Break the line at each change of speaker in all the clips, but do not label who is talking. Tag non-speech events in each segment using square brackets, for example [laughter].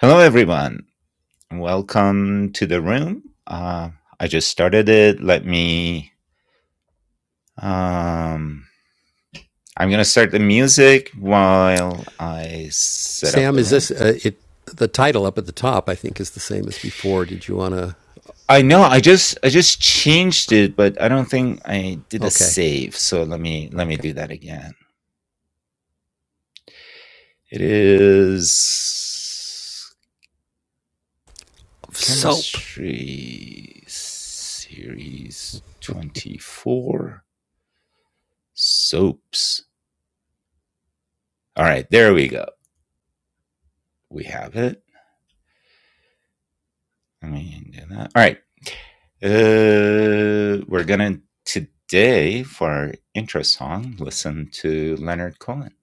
Hello, everyone. Welcome to the room. Uh, I just started it. Let me. Um, I'm going to start the music while I set up
Sam,
the
is
room.
this uh, it? The title up at the top, I think, is the same as before. Did you want to?
I know I just I just changed it, but I don't think I did a
Okay,
save. So let me let me
okay.
do that again. It is
Soap.
chemistry series 24 soaps. All right, there we go. We have it. Let me do that. All right. Uh, we're gonna today for our intro song listen to Leonard Cohen.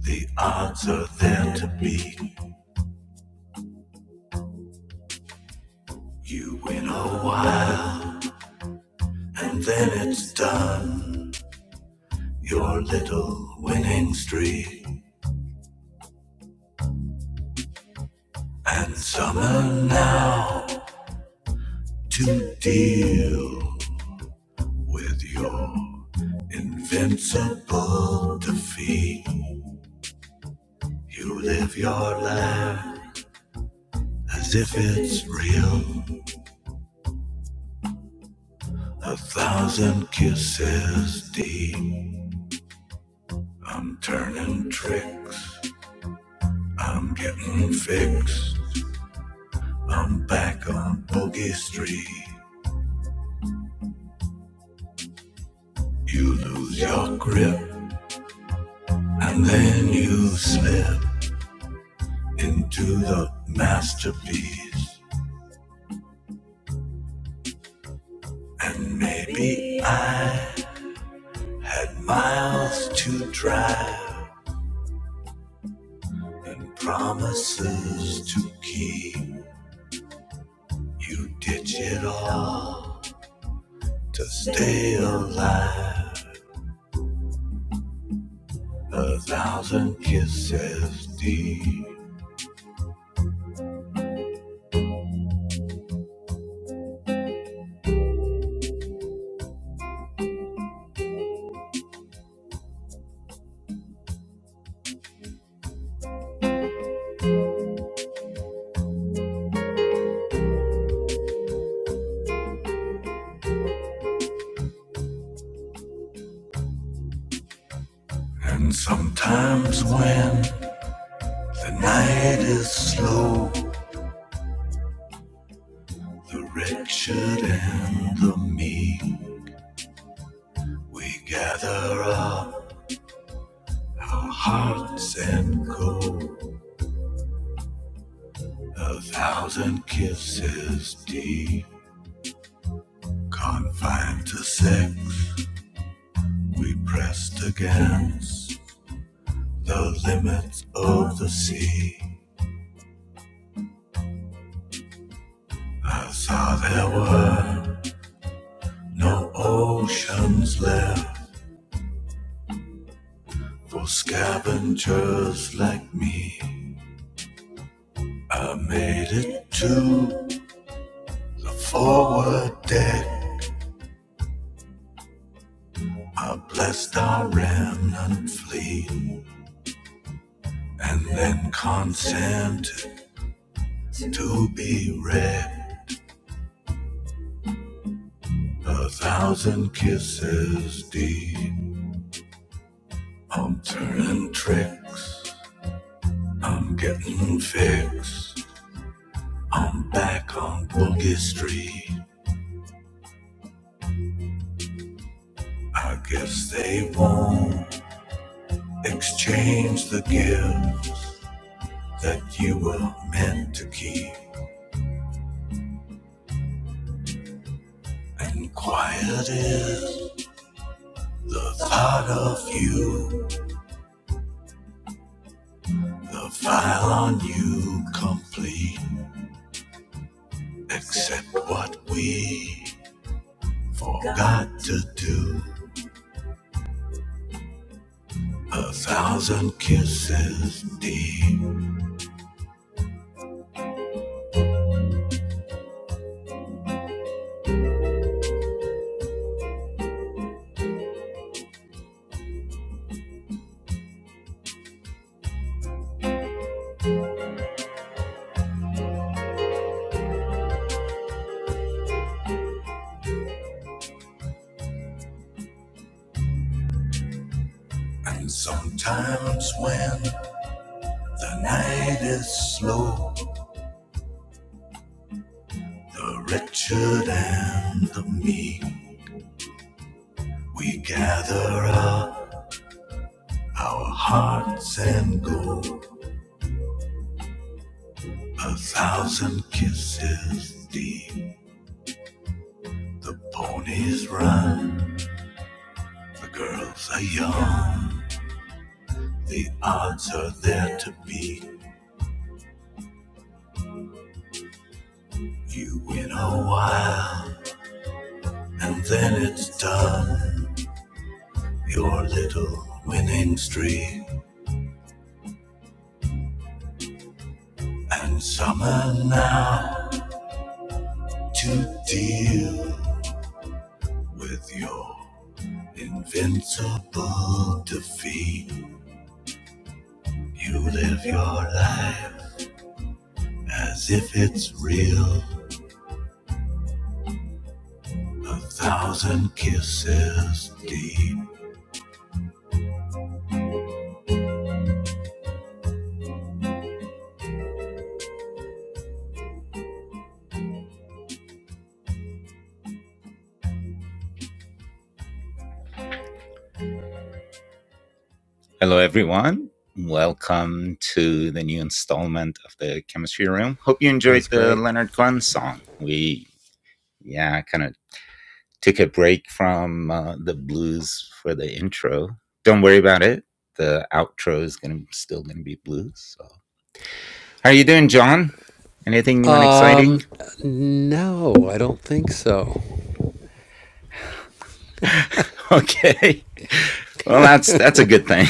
The odds are there to be. You win a while, and then it's done. Your little winning streak. And summer now to deal with your invincible defeat. You live your life as if it's real. A thousand kisses deep. I'm turning tricks. I'm getting fixed. I'm back on Boogie Street. You lose your grip and then you slip into the masterpiece. And maybe I had miles to drive and promises to keep. You ditch it all to stay alive. A thousand kisses deep. And sometimes when the night is slow, the wretched and the mean, we gather up our hearts and go a thousand kisses deep. Confined to sex, we pressed against the limits of the sea. I saw there were no oceans left for scavengers like me. I made it to the forward deck. I blessed our remnant fleet and then consented to be read a thousand kisses deep. I'm turning tricks I'm getting fixed. I'm back on Boogie Street. I guess they won't exchange the gifts that you were meant to keep. And quiet is the thought of you, the file on you complete, except what we forgot to do. A thousand kisses deep, and sometimes when The night is slow, the wretched and the meek. We gather up our hearts and go a thousand kisses deep. The ponies run, the girls are young, the odds are there to beat. You win a while, and then it's done. Your little winning streak, and summer now. to deal with your invincible defeat. You live your life as if it's real, a thousand kisses deep. Hello, everyone. Welcome to the new installment of the Chemistry Room. Hope you
That
enjoyed
was
the
great.
Leonard Cohen song. We, yeah, kind of. took a break from uh, the blues for the intro. Don't worry about it. The outro is gonna still gonna be blues. So, how are you doing, John? Anything new and
Um,
exciting?
no, I don't think so.
[laughs] okay. Well, that's that's a good thing.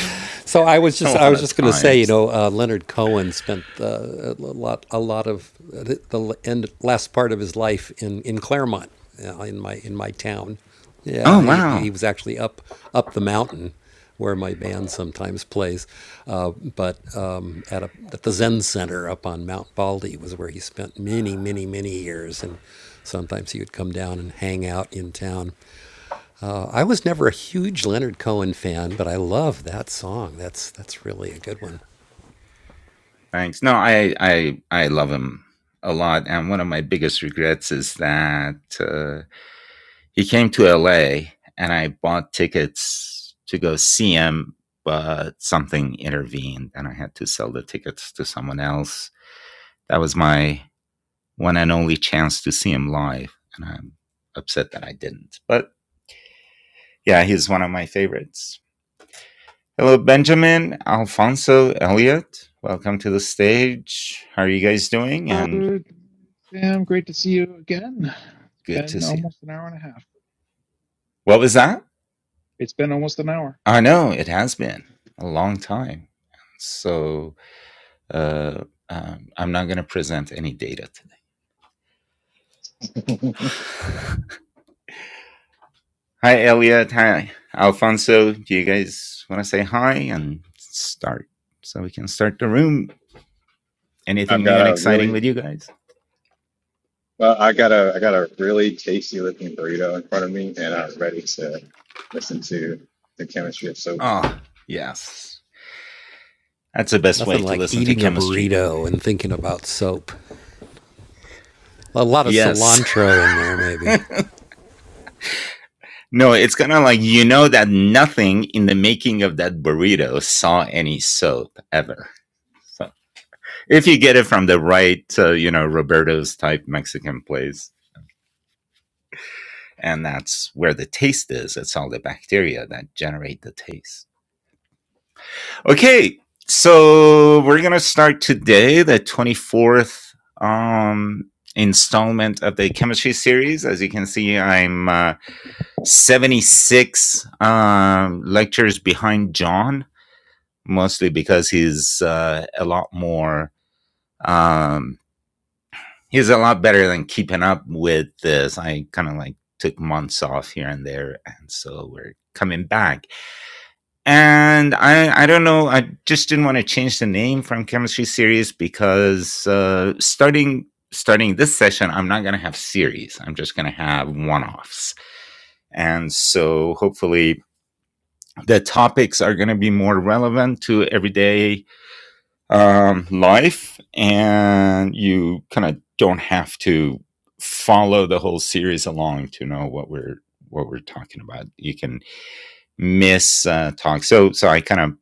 So I was
[laughs] a
just I
lot
was
of
just going to say, you
times.
know, uh, Leonard Cohen spent uh, a lot a lot of the, the end last part of his life in in Claremont, uh, in my in my town. Yeah,
Oh
he,
wow.
he was actually up up the mountain where my band sometimes plays, uh, but um, at a, at the Zen Center up on Mount Baldy was where he spent many many many years, and sometimes he would come down and hang out in town. Uh, I was never a huge Leonard Cohen fan, but I love that song. That's that's really a good one.
Thanks. No, I I I love him a lot, and one of my biggest regrets is that. Uh, he came to LA and I bought tickets to go see him, but something intervened and I had to sell the tickets to someone else. That was my one and only chance to see him live. And I'm upset that I didn't. But yeah, he's one of my favorites. Hello, Benjamin, Alfonso, Elliot. Welcome to the stage. How are you guys doing?
Uh,
And
Sam, great to see you again. It's
good to
been
see you.
almost an hour and a half.
What was that?
It's been almost an hour.
I know it has been a long time. So Uh, um, I'm not going to present any data today.
I've
[laughs] hi, Elliot. Hi, Alfonso. Do you guys want to say hi and start so we can start the room? Anything new
got
and
a
exciting with
really
you guys?
well, I got a I got a really tasty looking burrito in front of me, and I'm ready to listen to the chemistry of soap.
Oh, yes. That's the best
Nothing
way to
like
listen to
eating a
chemistry.
burrito and thinking about soap. A lot of
Yes. [laughs]
cilantro in there, maybe.
No, it's kind of like you know that nothing in the making of that burrito saw any soap ever. So if you get it from the right, uh, you know, Roberto's type Mexican place, And that's where the taste is. It's all the bacteria that generate the taste. Okay, so we're going to start today, the 24th um, installment of the chemistry series. As you can see, I'm uh, 76 um, lectures behind John, mostly because he's uh, a lot more, um, he's a lot better than keeping up with this. I kind of like took months off here and there. And so we're coming back and I I don't know. I just didn't want to change the name from chemistry series because uh, starting starting this session, I'm not going to have series. I'm just going to have one offs, and so hopefully the topics are going to be more relevant to everyday um, life, and you kind of don't have to follow the whole series along to know what we're what we're talking about. You can miss uh, talk. So so I kind of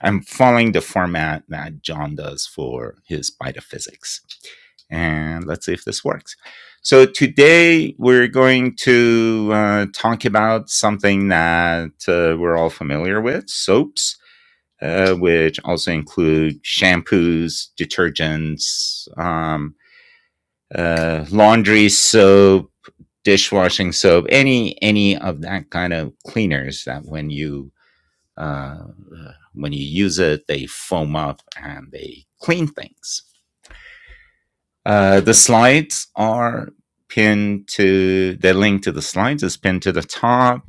I'm following the format that John does for his bite of physics. And let's see if this works. So today we're going to uh, talk about something that uh, we're all familiar with: soaps, uh, which also include shampoos, detergents, um, uh, laundry soap, dishwashing soap, any any of that kind of cleaners that when you uh, uh, when you use it, they foam up and they clean things. Uh, the slides are pinned to the link to the slides is pinned to the top,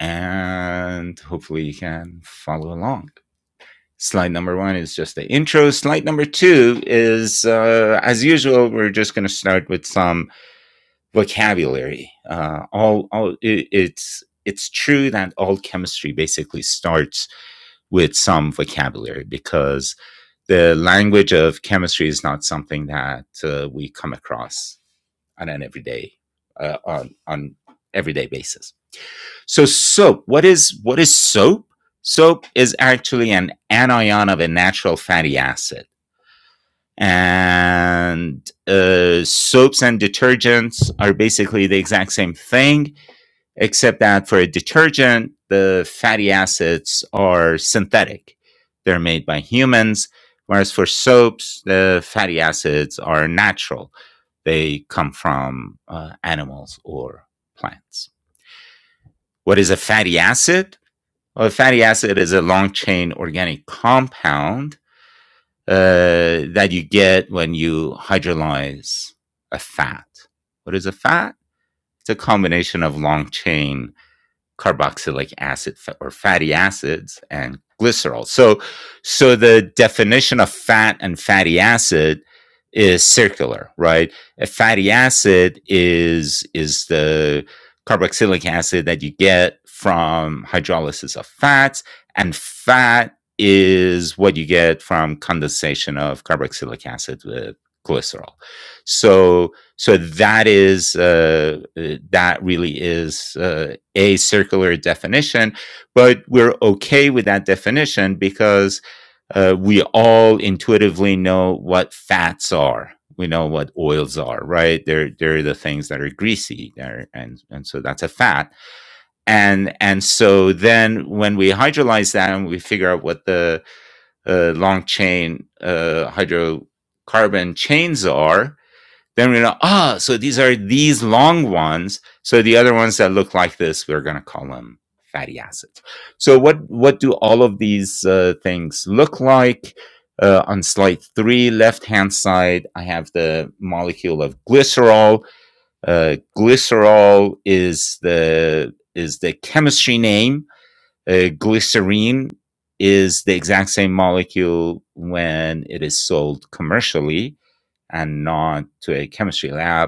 and hopefully you can follow along. Slide number one is just the intro. Slide number two is, uh, as usual, we're just going to start with some vocabulary. Uh, all, all it, it's it's true that all chemistry basically starts with some vocabulary because the language of chemistry is not something that uh, we come across on an everyday uh, on on everyday basis. So soap, what is what is soap? Soap is actually an anion of a natural fatty acid. And uh, soaps and detergents are basically the exact same thing except that for a detergent, the fatty acids are synthetic. They're made by humans, whereas for soaps, the fatty acids are natural. They come from uh, animals or plants. What is a fatty acid? Well, a fatty acid is a long chain organic compound uh, that you get when you hydrolyze a fat. What is a fat? It's a combination of long chain carboxylic acid or fatty acids and glycerol. So, so the definition of fat and fatty acid is circular, right? A fatty acid is is the carboxylic acid that you get from hydrolysis of fats, and fat is what you get from condensation of carboxylic acid with glycerol. So, so that is uh, uh, that really is uh, a circular definition but we're okay with that definition because uh, we all intuitively know what fats are we know what oils are right they're they're the things that are greasy there and and so that's a fat and and so then when we hydrolyze that and we figure out what the uh, long chain uh, hydrocarbon chains are then we know, ah, oh, so these are these long ones. So the other ones that look like this, we're going to call them fatty acids. So what what do all of these uh, things look like? Uh, on slide three, left hand side, I have the molecule of glycerol. Uh, glycerol is the is the chemistry name. Uh, glycerine is the exact same molecule when it is sold commercially and not to a chemistry lab.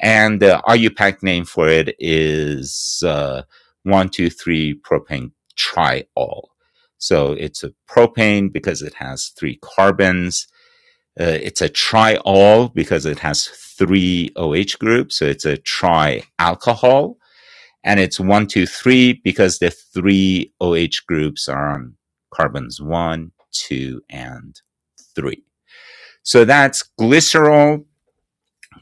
And the RUPAC name for it is uh, 123 propane triol. So it's a propane because it has three carbons. Uh, it's a triol because it has three OH groups. So it's a trialcohol. And it's 123 because the three OH groups are on carbons one, two, and three. So that's glycerol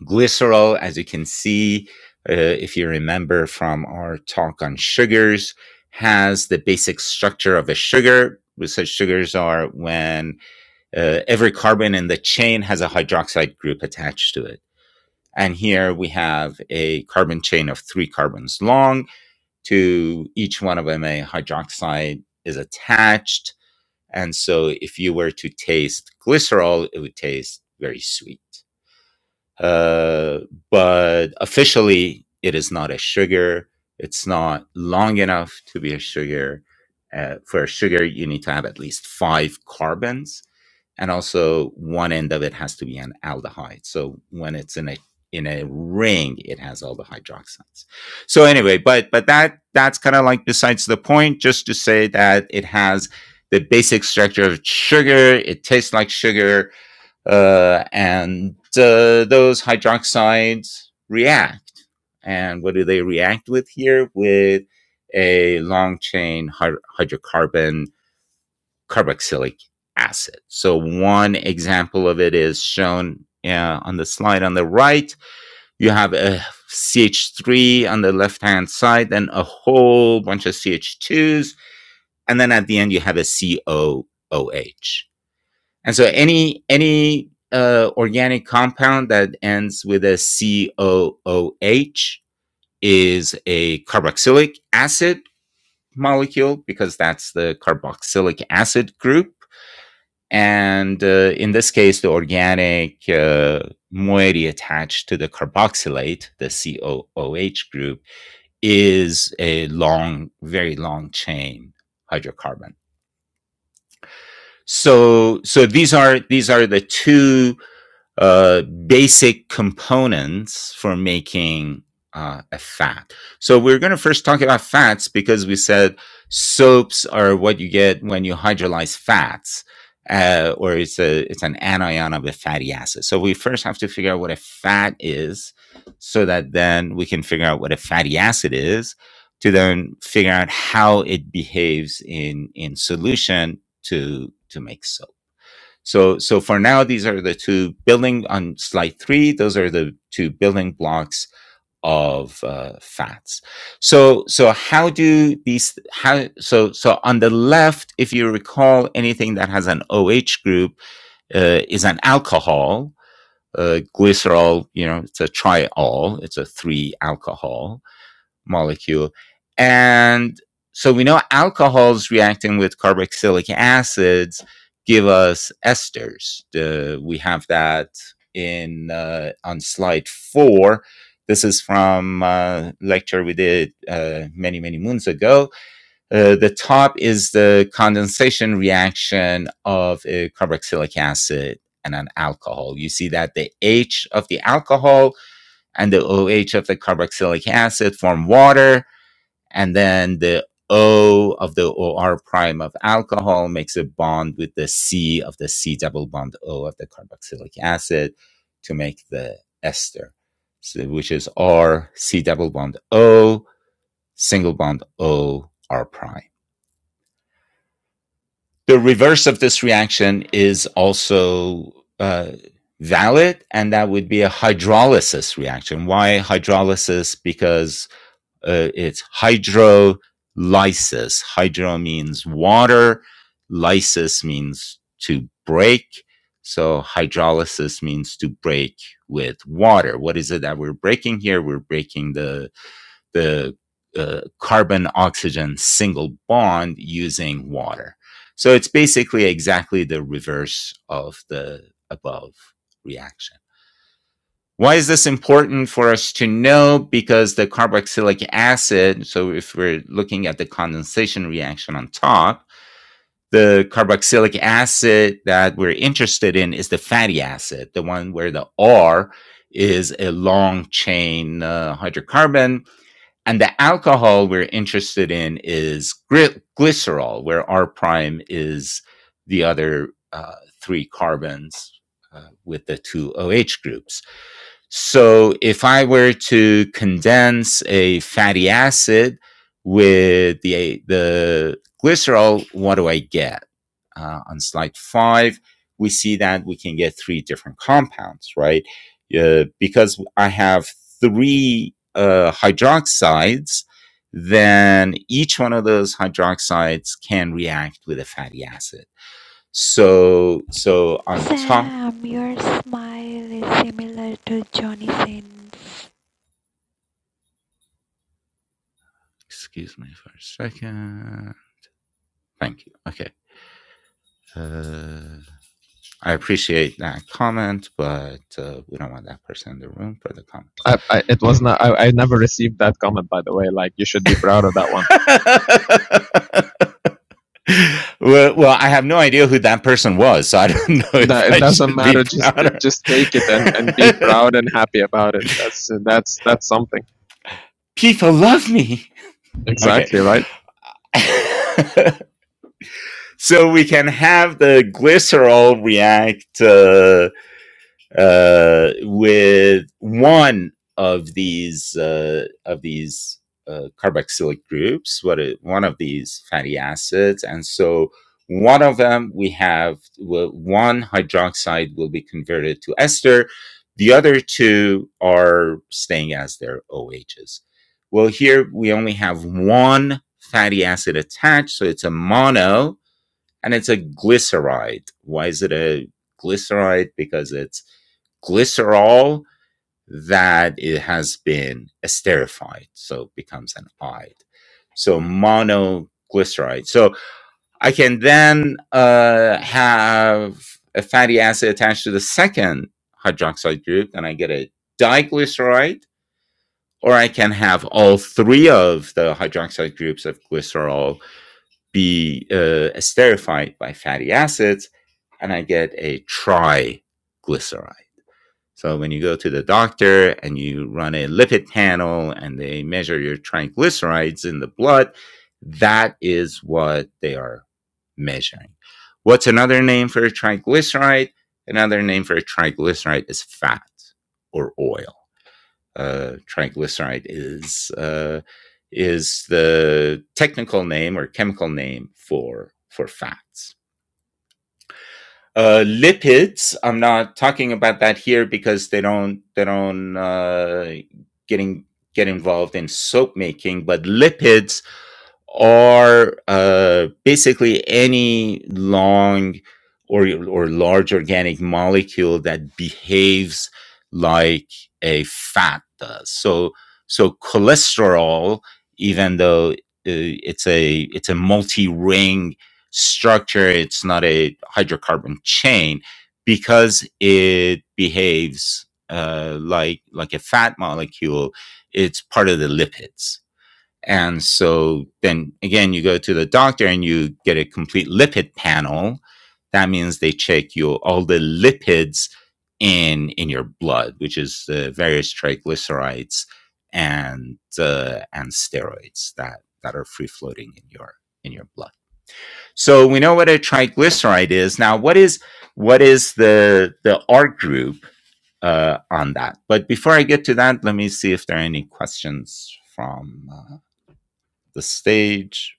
Glycerol, as you can see, uh, if you remember from our talk on sugars, has the basic structure of a sugar. Such sugars are when uh, every carbon in the chain has a hydroxide group attached to it. And here we have a carbon chain of three carbons long. To each one of them, a hydroxide is attached. And so if you were to taste glycerol, it would taste very sweet uh, but officially it is not a sugar. It's not long enough to be a sugar. Uh, for a sugar, you need to have at least five carbons, and also one end of it has to be an aldehyde. So when it's in a in a ring, it has all the hydroxides. So anyway, but but that that's kind of like besides the point. Just to say that it has the basic structure of sugar. It tastes like sugar uh, and uh, those hydroxides react. And what do they react with here? With a long chain hyd- hydrocarbon carboxylic acid. So, one example of it is shown uh, on the slide on the right. You have a CH3 on the left hand side, then a whole bunch of CH2s. And then at the end, you have a COOH. And so any any uh, organic compound that ends with a COOH is a carboxylic acid molecule because that's the carboxylic acid group. And uh, in this case, the organic uh, moiety attached to the carboxylate, the COOH group, is a long, very long chain hydrocarbon. So, so these are these are the two uh, basic components for making uh, a fat. So we're going to first talk about fats because we said soaps are what you get when you hydrolyze fats, uh, or it's a it's an anion of a fatty acid. So we first have to figure out what a fat is, so that then we can figure out what a fatty acid is, to then figure out how it behaves in in solution to to make soap. So, so for now, these are the two building on slide three. Those are the two building blocks of uh, fats. So, so how do these? How so? So on the left, if you recall, anything that has an OH group uh, is an alcohol. Uh, glycerol, you know, it's a triol. It's a three alcohol molecule. And so we know alcohols reacting with carboxylic acids give us esters. The, we have that in uh, on slide four. This is from uh, lecture we did uh, many many moons ago. Uh, the top is the condensation reaction of a carboxylic acid and an alcohol. You see that the H of the alcohol and the OH of the carboxylic acid form water and then the O of the OR prime of alcohol makes a bond with the C of the C double bond O of the carboxylic acid to make the ester, so, which is R C double bond O single bond O R prime. The reverse of this reaction is also uh, valid, and that would be a hydrolysis reaction. Why hydrolysis? Because uh, it's hydrolysis. Hydro means water, lysis means to break. So hydrolysis means to break with water. What is it that we're breaking here? We're breaking the the uh, carbon oxygen single bond using water. So it's basically exactly the reverse of the above reaction. Why is this important for us to know? Because the carboxylic acid, so if we're looking at the condensation reaction on top, the carboxylic acid that we're interested in is the fatty acid, the one where the R is a long chain uh, hydrocarbon. And the alcohol we're interested in is glycerol, where R prime is the other uh, three carbons uh, with the two OH groups. So if I were to condense a fatty acid with the the glycerol, what do I get? Uh, on slide five, we see that we can get three different compounds, right? Uh, because I have three uh, hydroxides, then each one of those hydroxides can react with a fatty acid. So, so on top,
Sam, your smile is similar to Johnny Sins.
excuse me for a second. Thank you. Okay. Uh, I appreciate that comment, but uh, we don't want that person in the room for the comments.
I, I it was not. I, I never received that comment. By the way, like you should be proud of that one.
[laughs] well, well, I have no idea who that person was, so I [laughs] don't know if
That it
I
doesn't
should be
matter. Just
prouder.
just take it and and be proud and happy about it. That's that's that's something.
[laughs] People love me. Okay.
Exactly right.
[laughs] so we can have the glycerol react. Uh, uh, with one of these uh, of these uh, carboxylic groups, what it, one of these fatty acids, and so one of them we have well, one hydroxide will be converted to ester, the other two are staying as their OHs. Well, here we only have one fatty acid attached, so it's a mono, and it's a glyceride. Why is it a glyceride? Because it's glycerol that it has been esterified, so it becomes an ide. So monoglyceride. So I can then uh, have a fatty acid attached to the second hydroxide group, and I get a diglyceride. Or I can have all three of the hydroxide groups of glycerol be uh, esterified by fatty acids, and I get a triglyceride. So when you go to the doctor and you run a lipid panel and they measure your triglycerides in the blood, that is what they are measuring. What's another name for a triglyceride? Another name for a triglyceride is fat or oil uh, triglyceride is uh, is the technical name or chemical name for for fats. Uh, lipids. I'm not talking about that here because they don't they don't uh, getting get involved in soap making, but lipids are uh, basically any long or, or large organic molecule that behaves like a fat does. So, so cholesterol, even though uh, it's a it's a multi-ring structure, it's not a hydrocarbon chain because it behaves uh, like like a fat molecule. It's part of the lipids and so then again, you go to the doctor and you get a complete lipid panel. That means they check you all the lipids in in your blood, which is the various triglycerides and uh, and steroids that that are free floating in your in your blood. So we know what a triglyceride is. Now, what is what is the the R group uh, on that? But before I get to that, let me see if there are any questions from uh, the stage.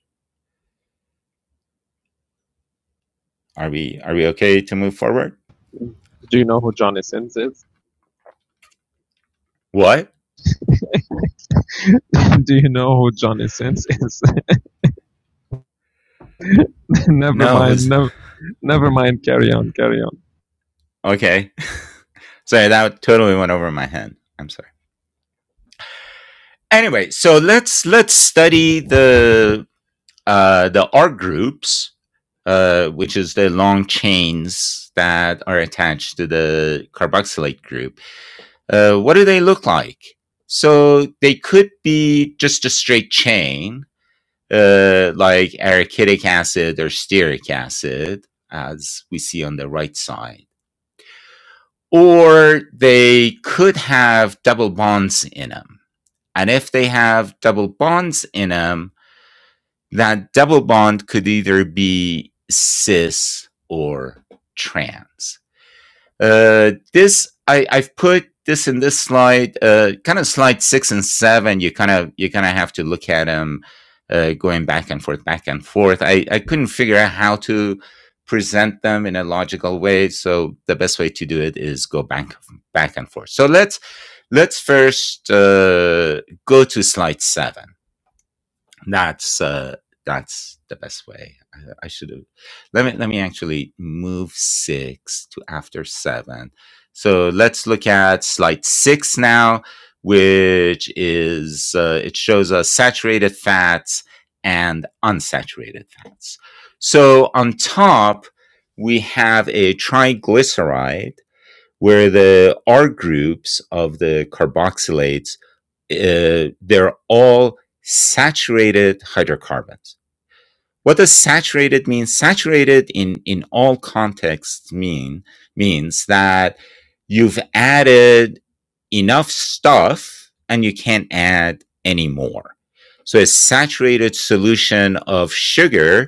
Are we are we okay to move forward?
Do you know who Johnny Sins is?
What?
[laughs] Do you know who Johnny Sins is? [laughs] never
No,
mind.
who's
Never never mind. Carry on. Carry on.
okay. [laughs] Sorry, that totally went over my head. I'm sorry. Anyway, so let's let's study the uh, the art groups, uh, which is the long chains that are attached to the carboxylate group. Uh, what do they look like? So they could be just a straight chain, uh, like arachidic acid or stearic acid, as we see on the right side. Or they could have double bonds in them. And if they have double bonds in them, that double bond could either be cis or trans. Uh, this I, I've put this in this slide, uh, kind of slide six and seven. You kind of you kind of have to look at them uh, going back and forth, back and forth. I, I couldn't figure out how to present them in a logical way, so the best way to do it is go back back and forth. So let's let's first uh, go to slide seven. That's uh, that's the best way. I, I should have. Let me let me actually move six to after seven. So let's look at slide six now, which is uh, it shows us saturated fats and unsaturated fats. So on top we have a triglyceride where the R groups of the carboxylates uh, they're all saturated hydrocarbons. What does saturated mean? Saturated in, in all contexts mean means that you've added enough stuff and you can't add any more. So a saturated solution of sugar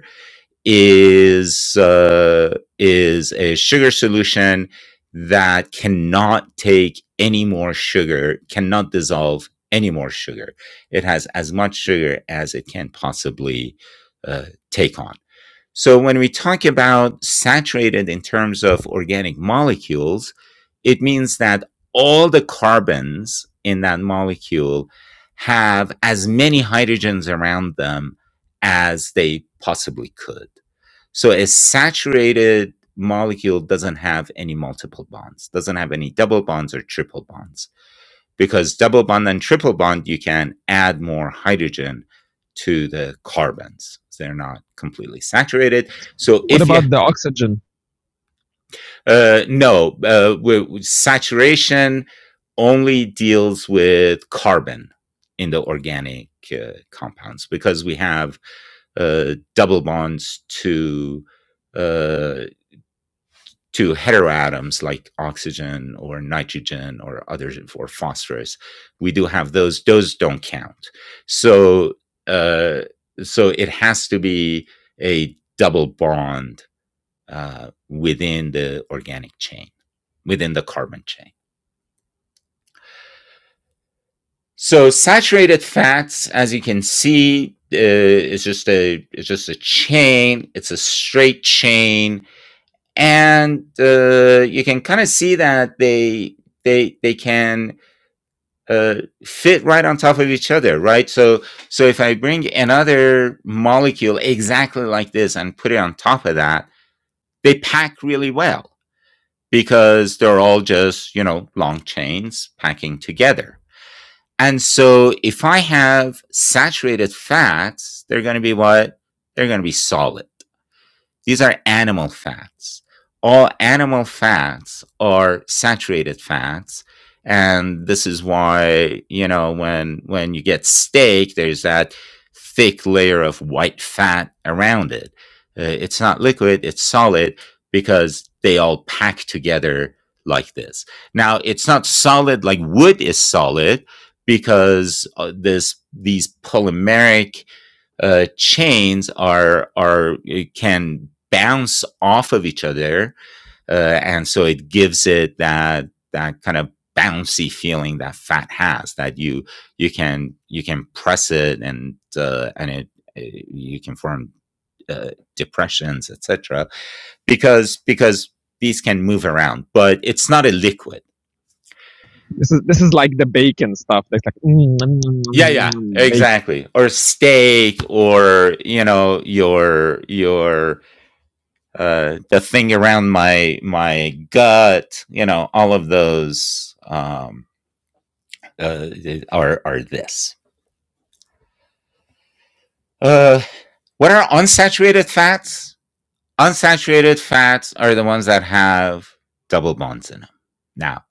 is uh, is a sugar solution that cannot take any more sugar, cannot dissolve any more sugar. It has as much sugar as it can possibly uh, take on. So when we talk about saturated in terms of organic molecules, it means that all the carbons in that molecule have as many hydrogens around them as they possibly could. So a saturated molecule doesn't have any multiple bonds, doesn't have any double bonds or triple bonds, because double bond and triple bond, you can add more hydrogen to the carbons. They're not completely saturated. So
What
if you,
about the oxygen?
uh, no, uh, wi- saturation only deals with carbon in the organic uh, compounds because we have uh, double bonds to uh, to heteroatoms like oxygen or nitrogen or others or phosphorus. We do have those; those don't count. So, uh, so it has to be a double bond uh, within the organic chain, within the carbon chain. So saturated fats, as you can see, uh, is just a it's just a chain. It's a straight chain and uh, you can kind of see that they they they can uh, fit right on top of each other, right? So so if I bring another molecule exactly like this and put it on top of that, they pack really well because they're all just you know long chains packing together. And so if I have saturated fats, they're going to be what? They're going to be solid. These are animal fats. All animal fats are saturated fats. And this is why, you know, when when you get steak, there's that thick layer of white fat around it. Uh, it's not liquid, it's solid because they all pack together like this. Now, it's not solid like wood is solid because uh, this these polymeric uh, chains are are uh, can bounce off of each other, uh, and so it gives it that that kind of bouncy feeling that fat has. That you you can you can press it and uh, and it, it- you can form uh, depressions, etc. Because because these can move around, but it's not a liquid.
This is this is like the bacon stuff. That's like mm, nom, nom, nom,
Yeah,
nom,
yeah,
the bacon.
exactly. Or steak, or you know, your your uh, the thing around my my gut, you know, all of those um, uh, uh, are are this. Uh, what are unsaturated fats? Unsaturated fats are the ones that have double bonds in them. Now,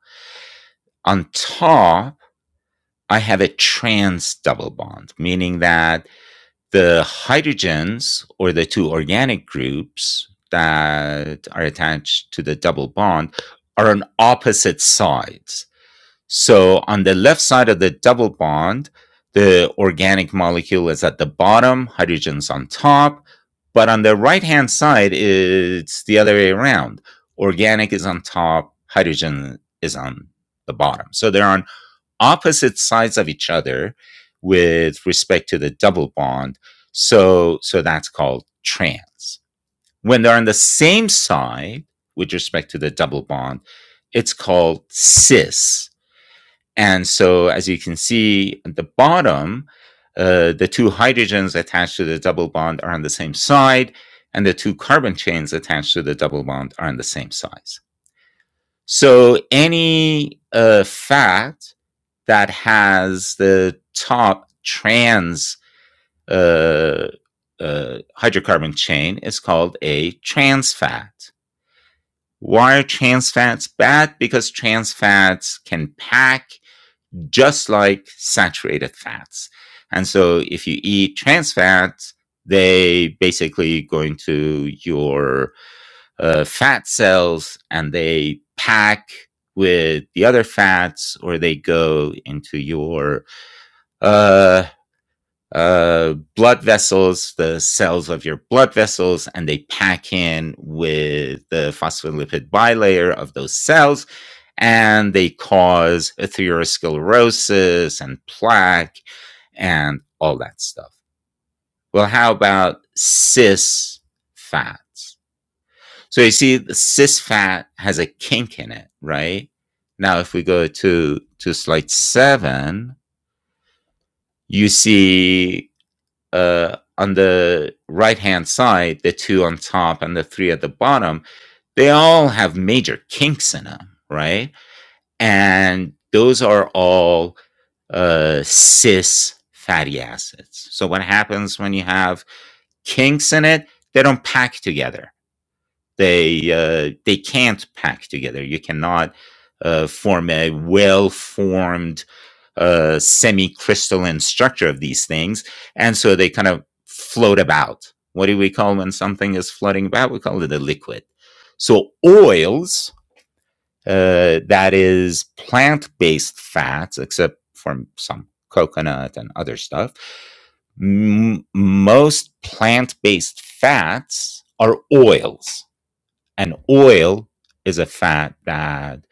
on top, I have a trans double bond, meaning that the hydrogens or the two organic groups that are attached to the double bond are on opposite sides. So on the left side of the double bond, the organic molecule is at the bottom, hydrogen's on top. But on the right hand side, it's the other way around. Organic is on top, hydrogen is on the bottom. So they're on opposite sides of each other with respect to the double bond. So, so that's called trans. When they're on the same side with respect to the double bond, it's called cis and so, as you can see at the bottom, uh, the two hydrogens attached to the double bond are on the same side, and the two carbon chains attached to the double bond are on the same size. So, any uh, fact that has the top trans uh, uh, hydrocarbon chain is called a trans fat. Why are trans fats bad? Because trans fats can pack just like saturated fats. And so if you eat trans fats, they basically go into your uh, fat cells and they pack with the other fats or they go into your uh, uh, blood vessels, the cells of your blood vessels, and they pack in with the phospholipid bilayer of those cells, and they cause atherosclerosis and plaque and all that stuff. Well, how about cis fats? So you see, the cis fat has a kink in it, right? Now, if we go to to slide seven, you see uh, on the right hand side, the two on top and the three at the bottom, they all have major kinks in them, right? And those are all uh, cis fatty acids. So what happens when you have kinks in it? They don't pack together. They uh, they can't pack together. You cannot uh, form a well formed uh, semi-crystalline structure of these things, and so they kind of float about. What do we call when something is floating about? We call it a liquid. So oils, uh, that is plant-based fats, except from some coconut and other stuff. M- most plant-based fats are oils, and oil is a fat that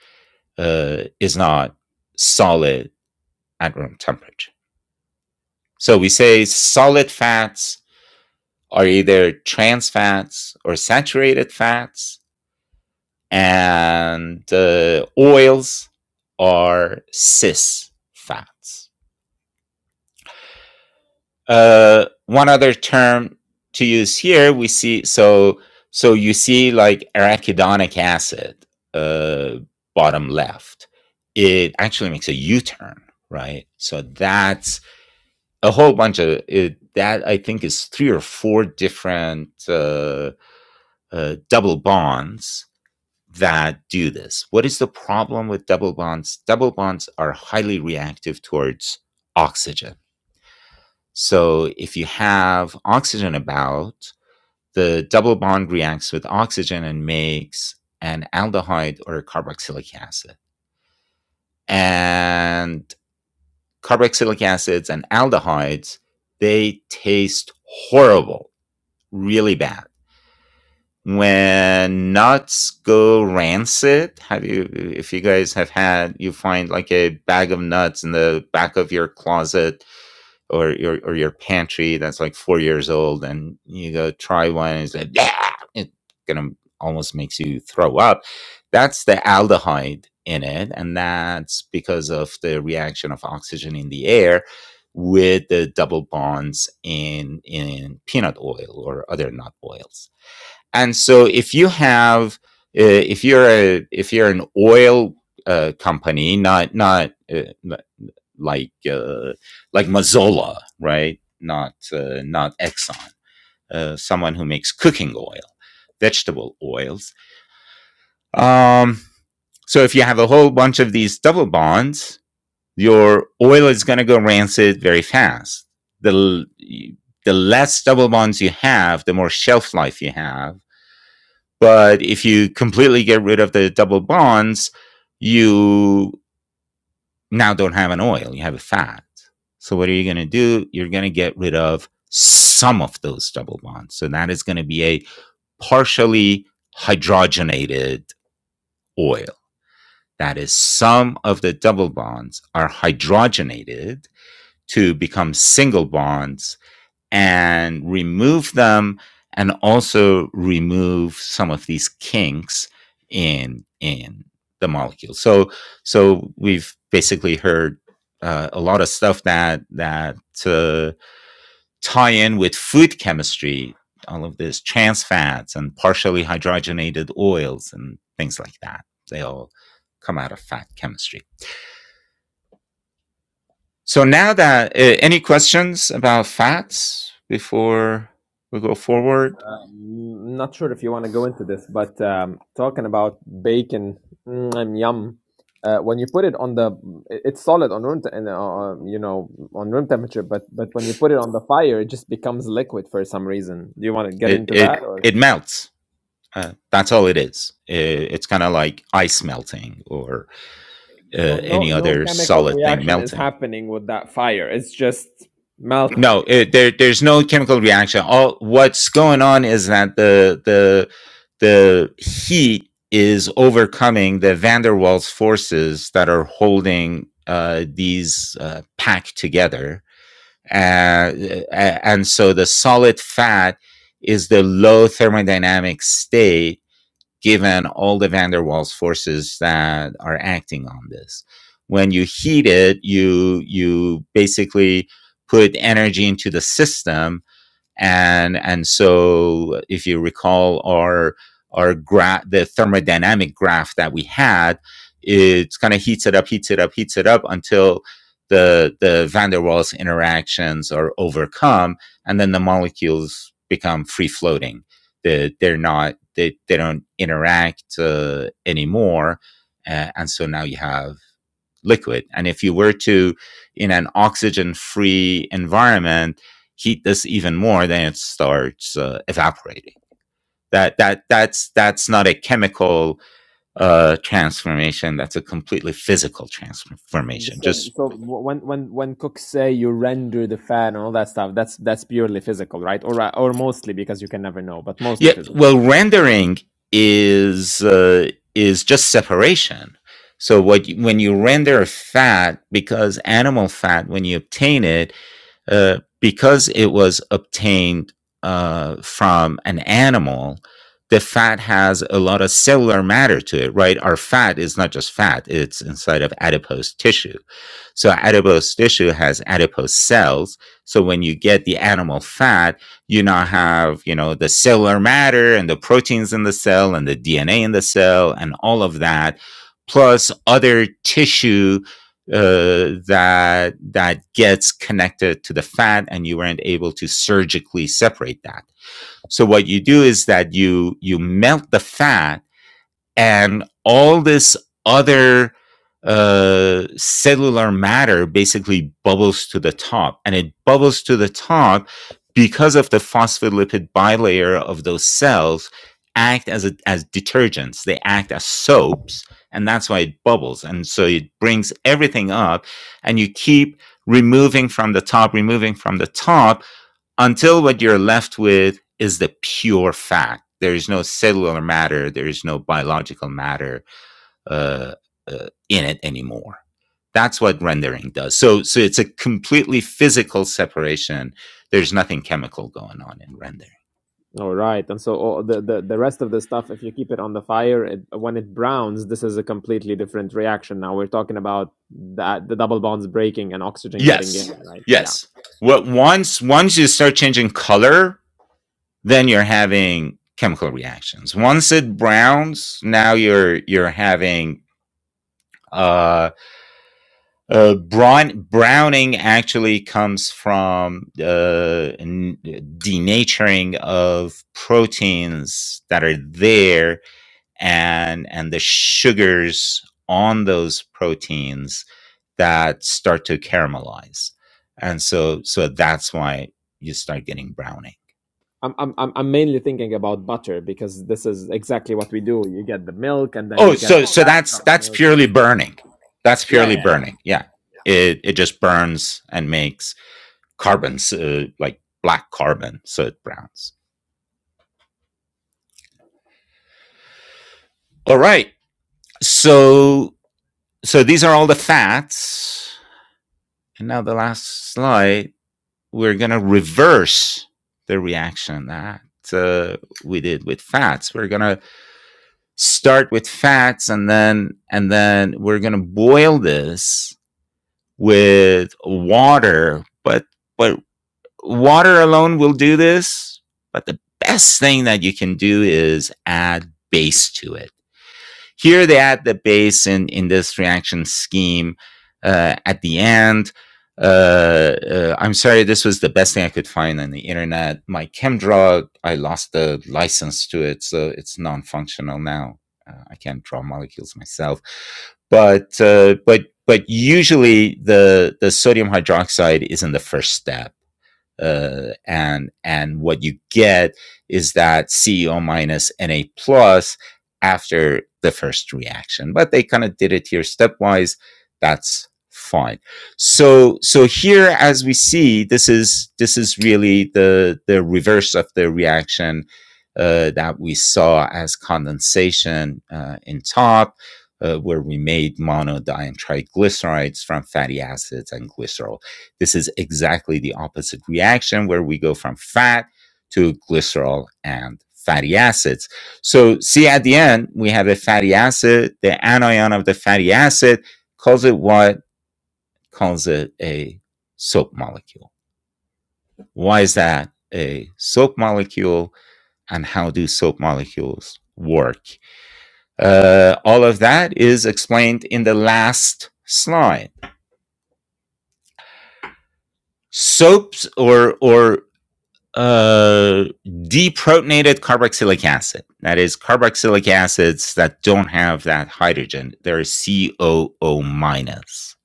uh, is not solid at room temperature. So we say solid fats are either trans fats or saturated fats, and uh, oils are cis fats. Uh, one other term to use here, we see so so you see like arachidonic acid, uh, bottom left. It actually makes a U-turn, right? So that's a whole bunch of it, that i think is three or four different uh, uh, double bonds that do this what is the problem with double bonds double bonds are highly reactive towards oxygen so if you have oxygen about the double bond reacts with oxygen and makes an aldehyde or a carboxylic acid and carboxylic acids and aldehydes they taste horrible really bad. When nuts go rancid, have you, if you guys have had, you find like a bag of nuts in the back of your closet or your, or your pantry that's like four years old and you go try one and it's like, yeah, it gonna almost makes you throw up. That's the aldehyde in it. And that's because of the reaction of oxygen in the air with the double bonds in in peanut oil or other nut oils. And so if you have uh, if you're a if you're an oil uh, company, not not uh, like uh, like Mazola, right? Not uh, not Exxon. Uh, someone who makes cooking oil, vegetable oils. Um, so if you have a whole bunch of these double bonds, your oil is going to go rancid very fast. The the less double bonds you have, the more shelf life you have, But if you completely get rid of the double bonds, you now don't have an oil, you have a fat. So what are you going to do? You're going to get rid of some of those double bonds. So that is going to be a partially hydrogenated oil. That is, some of the double bonds are hydrogenated to become single bonds and remove them and also remove some of these kinks in in the molecule so so we've basically heard uh, a lot of stuff that that uh, tie in with food chemistry all of this trans fats and partially hydrogenated oils and things like that they all come out of fat chemistry so now that uh, any questions about fats before we go forward
Mm, not sure if you want to go into this, but um, talking about bacon, mm, yum. Uh, when you put it on the, it's solid on room, te- and, uh, um, you know, on room temperature. But but when you put it on the fire, it just becomes liquid for some reason. Do you want to get
It
into
it
that? Or?
it melts. Uh, that's all it is. I- it's kind of like ice melting or
So
uh,
no
any
no
other
chemical
solid thing
reaction is
melting.
happening with that fire. It's just melting.
No, it, there there's no chemical reaction. All what's going on is that the the the heat is overcoming the van der Waals forces that are holding uh, these uh, packed together. Uh, and so the solid fat is the low thermodynamic state given all the van der Waals forces that are acting on this. When you heat it, you you basically put energy into the system and and so if you recall our our graph the thermodynamic graph that we had it's kind of heats it up heats it up heats it up until the the van der waals interactions are overcome and then the molecules become free floating they, they're not they, they don't interact uh, anymore uh, and so now you have liquid. And if you were to, in an oxygen free environment, heat this even more, then it starts uh, evaporating. That, that that's that's not a chemical uh, transformation. That's a completely physical transformation.
So,
Just
so when when when cooks say you render the fat and all that stuff, that's that's purely physical, right? Or or mostly because you can never know, but mostly
yeah.
physical.
Well, rendering is uh, is just separation. So what you, when you render fat, because animal fat, when you obtain it, uh, because it was obtained uh, from an animal, the fat has a lot of cellular matter to it, right? Our fat is not just fat, it's inside of adipose tissue. So, adipose tissue has adipose cells. So, when you get the animal fat, you now have, you know, the cellular matter and the proteins in the cell and the DNA in the cell and all of that, plus other tissue uh, that that gets connected to the fat and you weren't able to surgically separate that so what you do is that you you melt the fat and all this other uh, cellular matter basically bubbles to the top, and it bubbles to the top because of the phospholipid bilayer of those cells act as a, as detergents. They act as soaps, and that's why it bubbles. And so it brings everything up, and you keep removing from the top, removing from the top, until what you're left with is the pure fact. There is no cellular matter, there is no biological matter uh, uh, in it anymore. That's what rendering does. So, so it's a completely physical separation. There's nothing chemical going on in rendering.
All right, and so all the, the the rest of the stuff, if you keep it on the fire, it, when it browns, this is a completely different reaction. Now we're talking about that the double bonds breaking and oxygen getting in,
Yes,
right? Yeah.
yes. What once once you start changing color, then you're having chemical reactions. Once it browns, now you're you're having uh, Uh, brown, browning actually comes from uh, n- denaturing of proteins that are there and and the sugars on those proteins that start to caramelize and so so that's why you start getting browning
I'm I'm I'm I'm mainly thinking about butter because this is exactly what we do. You get the milk and then
oh
you get
so
the
so
fat
that's
from the
that's
milk. Yeah.
purely burning that's
Yeah, yeah,
purely
yeah. yeah.
burning yeah it it just burns and makes carbons, uh, like black carbon, so it browns. All right. So so these are all the fats. And now the last slide, we're gonna reverse the reaction that uh, we did with fats. We're gonna start with fats, and then and then we're gonna boil this with water. But but water alone will do this. But the best thing that you can do is add base to it. Here they add the base in, in this reaction scheme uh, at the end. Uh, uh, I'm sorry, this was the best thing I could find on the internet. My ChemDraw, I lost the license to it, so it's non functional now. Uh, I can't draw molecules myself. But, uh, but, but usually the, the sodium hydroxide is in the first step uh, and and what you get is that CEO minus NA plus after the first reaction. But they kind of did it here stepwise. That's fine. So so here, as we see, this is this is really the the reverse of the reaction uh, that we saw as condensation uh, in top. Uh, where we made monodiene triglycerides from fatty acids and glycerol. This is exactly the opposite reaction where we go from fat to glycerol and fatty acids. So see at the end, we have a fatty acid. The anion of the fatty acid calls it what? Calls it a soap molecule. Why is that a soap molecule? And how do soap molecules work? Uh, all of that is explained in the last slide. Soaps or, or uh, deprotonated carboxylic acid. That is carboxylic acids that don't have that hydrogen. They're COO minus.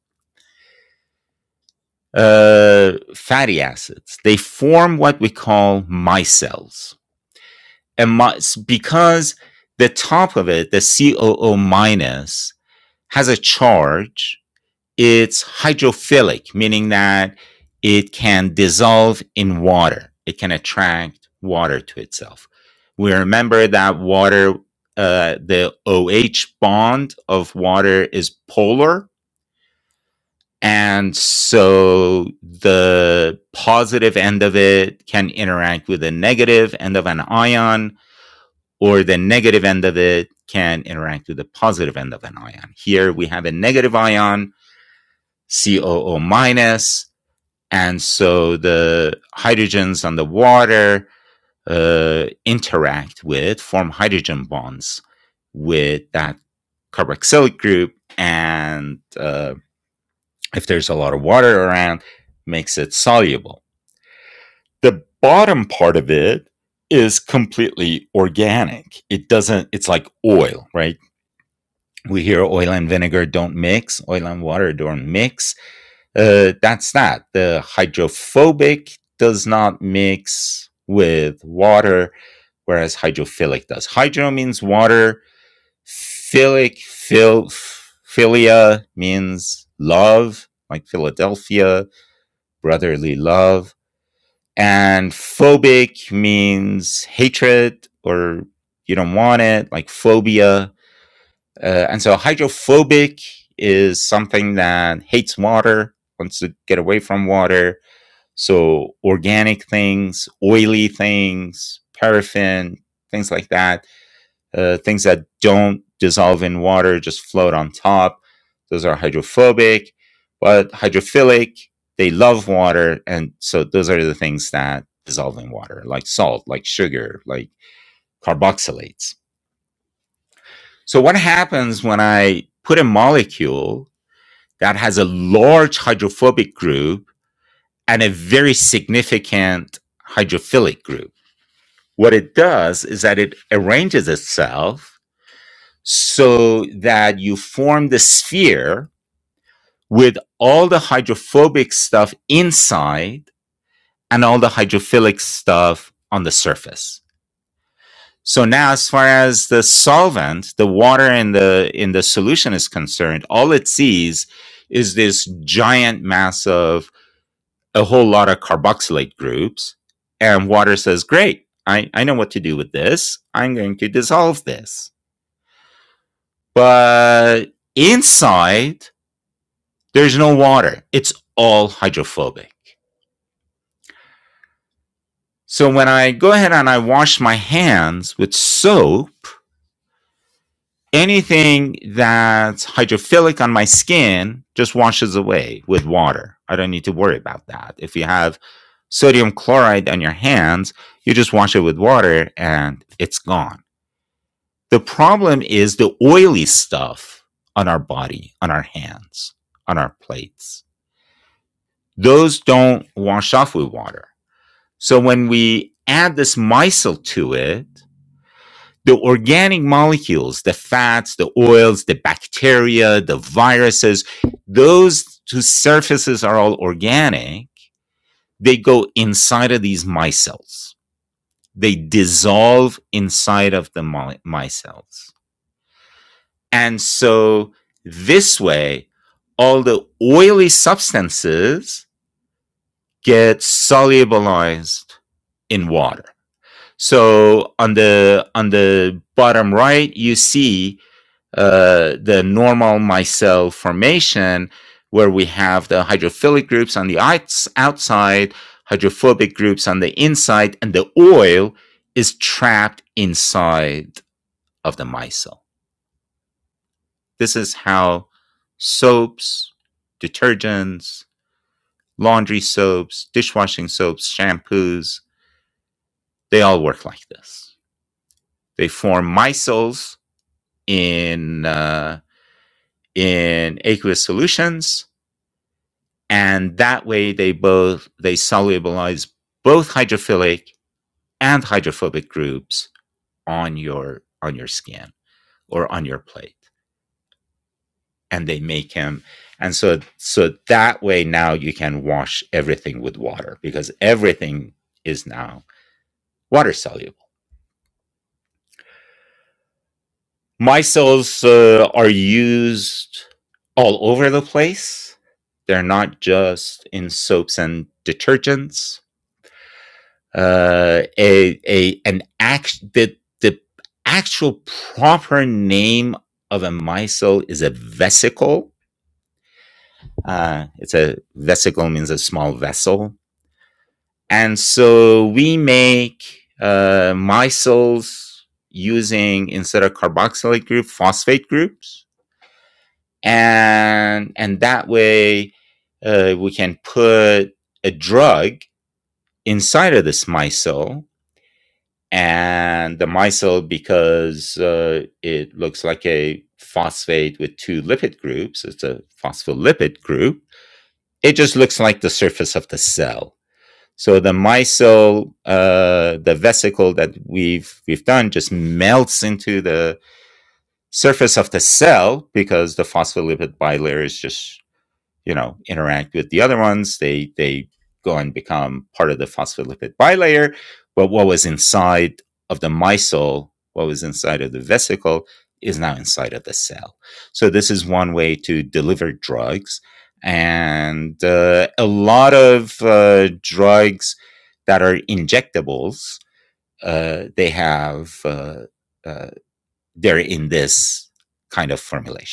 Uh, fatty acids. They form what we call micelles, and my, because the top of it, the COO minus, has a charge it's hydrophilic, meaning that it can dissolve in water. It can attract water to itself. We remember that water, uh, the OH bond of water is polar. And so the positive end of it can interact with the negative end of an ion, or the negative end of it can interact with the positive end of an ion. Here we have a negative ion, COO minus, and so the hydrogens and the water uh, interact with form hydrogen bonds with that carboxylic group and uh, if there's a lot of water around makes it soluble the bottom part of it is completely organic it doesn't it's like oil right we hear oil and vinegar don't mix oil and water don't mix Uh, that's that. The hydrophobic does not mix with water, whereas hydrophilic does. Hydro means water. Philic, phil, philia means love, like Philadelphia, brotherly love. And phobic means hatred or you don't want it, like phobia. Uh, and so hydrophobic is something that hates water, wants to get away from water. So organic things, oily things, paraffin, things like that, uh, things that don't dissolve in water, just float on top. Those are hydrophobic, but hydrophilic, they love water. And so those are the things that dissolve in water, like salt, like sugar, like carboxylates. So what happens when I put a molecule that has a large hydrophobic group and a very significant hydrophilic group? What it does is that it arranges itself so that you form the sphere with all the hydrophobic stuff inside and all the hydrophilic stuff on the surface. So now as far as the solvent, the water in the in the solution is concerned, all it sees is this giant mass of a whole lot of carboxylate groups and water says, "Great. I I know what to do with this. I'm going to dissolve this." But inside, there's no water. It's all hydrophobic. So when I go ahead and I wash my hands with soap, anything that's hydrophilic on my skin just washes away with water. I don't need to worry about that. If you have sodium chloride on your hands, you just wash it with water and it's gone. The problem is the oily stuff on our body, on our hands, on our plates. Those don't wash off with water. So when we add this micelle to it, the organic molecules, the fats, the oils, the bacteria, the viruses, those two surfaces are all organic. They go inside of these micelles. They dissolve inside of the mi- micelles. And so this way, all the oily substances get solubilized in water. So on the on the bottom right, you see uh, the normal micelle formation, where we have the hydrophilic groups on the outs- outside, hydrophobic groups on the inside, and the oil is trapped inside of the micelle. This is how soaps, detergents, laundry soaps, dishwashing soaps, shampoos, they all work like this. They form micelles in uh, in aqueous solutions, and that way they both they solubilize both hydrophilic and hydrophobic groups on your on your skin or on your plate, and they make them. And so so that way now you can wash everything with water because everything is now water soluble. my cells uh, are used all over the place. They're not just in soaps and detergents. Uh, a a an act the the actual proper name of a micelle is a vesicle. Uh, it's a vesicle means a small vessel, and so we make uh, micelles using instead of carboxylic group phosphate groups and and that way uh, we can put a drug inside of this micelle and the micelle because uh, it looks like a phosphate with two lipid groups it's a phospholipid group it just looks like the surface of the cell so the micelle uh, the vesicle that we've we've done just melts into the surface of the cell because the phospholipid bilayer is just you know interact with the other ones they they go and become part of the phospholipid bilayer but what was inside of the micelle what was inside of the vesicle is now inside of the cell so this is one way to deliver drugs and uh, a lot of uh, drugs that are injectables uh, they have uh, uh, they're in this kind of formulation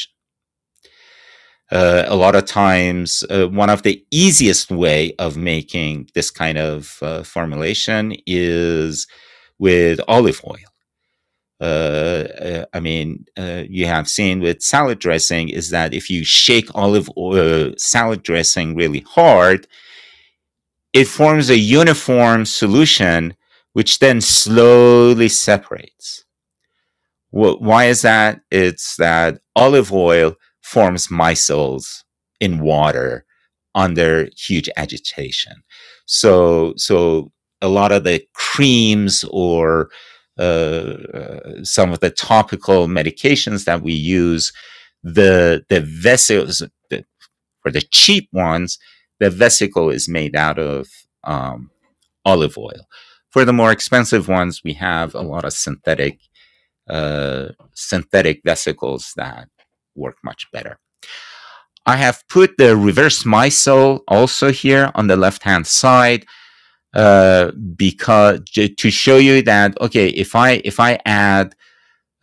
uh, a lot of times uh, one of the easiest way of making this kind of uh, formulation is with olive oil uh, uh, I mean, uh, you have seen with salad dressing is that if you shake olive oil, salad dressing really hard, it forms a uniform solution, which then slowly separates. Wh- why is that? It's that olive oil forms micelles in water under huge agitation. So, so a lot of the creams or uh, uh, some of the topical medications that we use, the the vessels the, for the cheap ones, the vesicle is made out of um, olive oil. For the more expensive ones, we have a lot of synthetic uh, synthetic vesicles that work much better. I have put the reverse micelle also here on the left hand side uh, because to show you that okay, if I if I add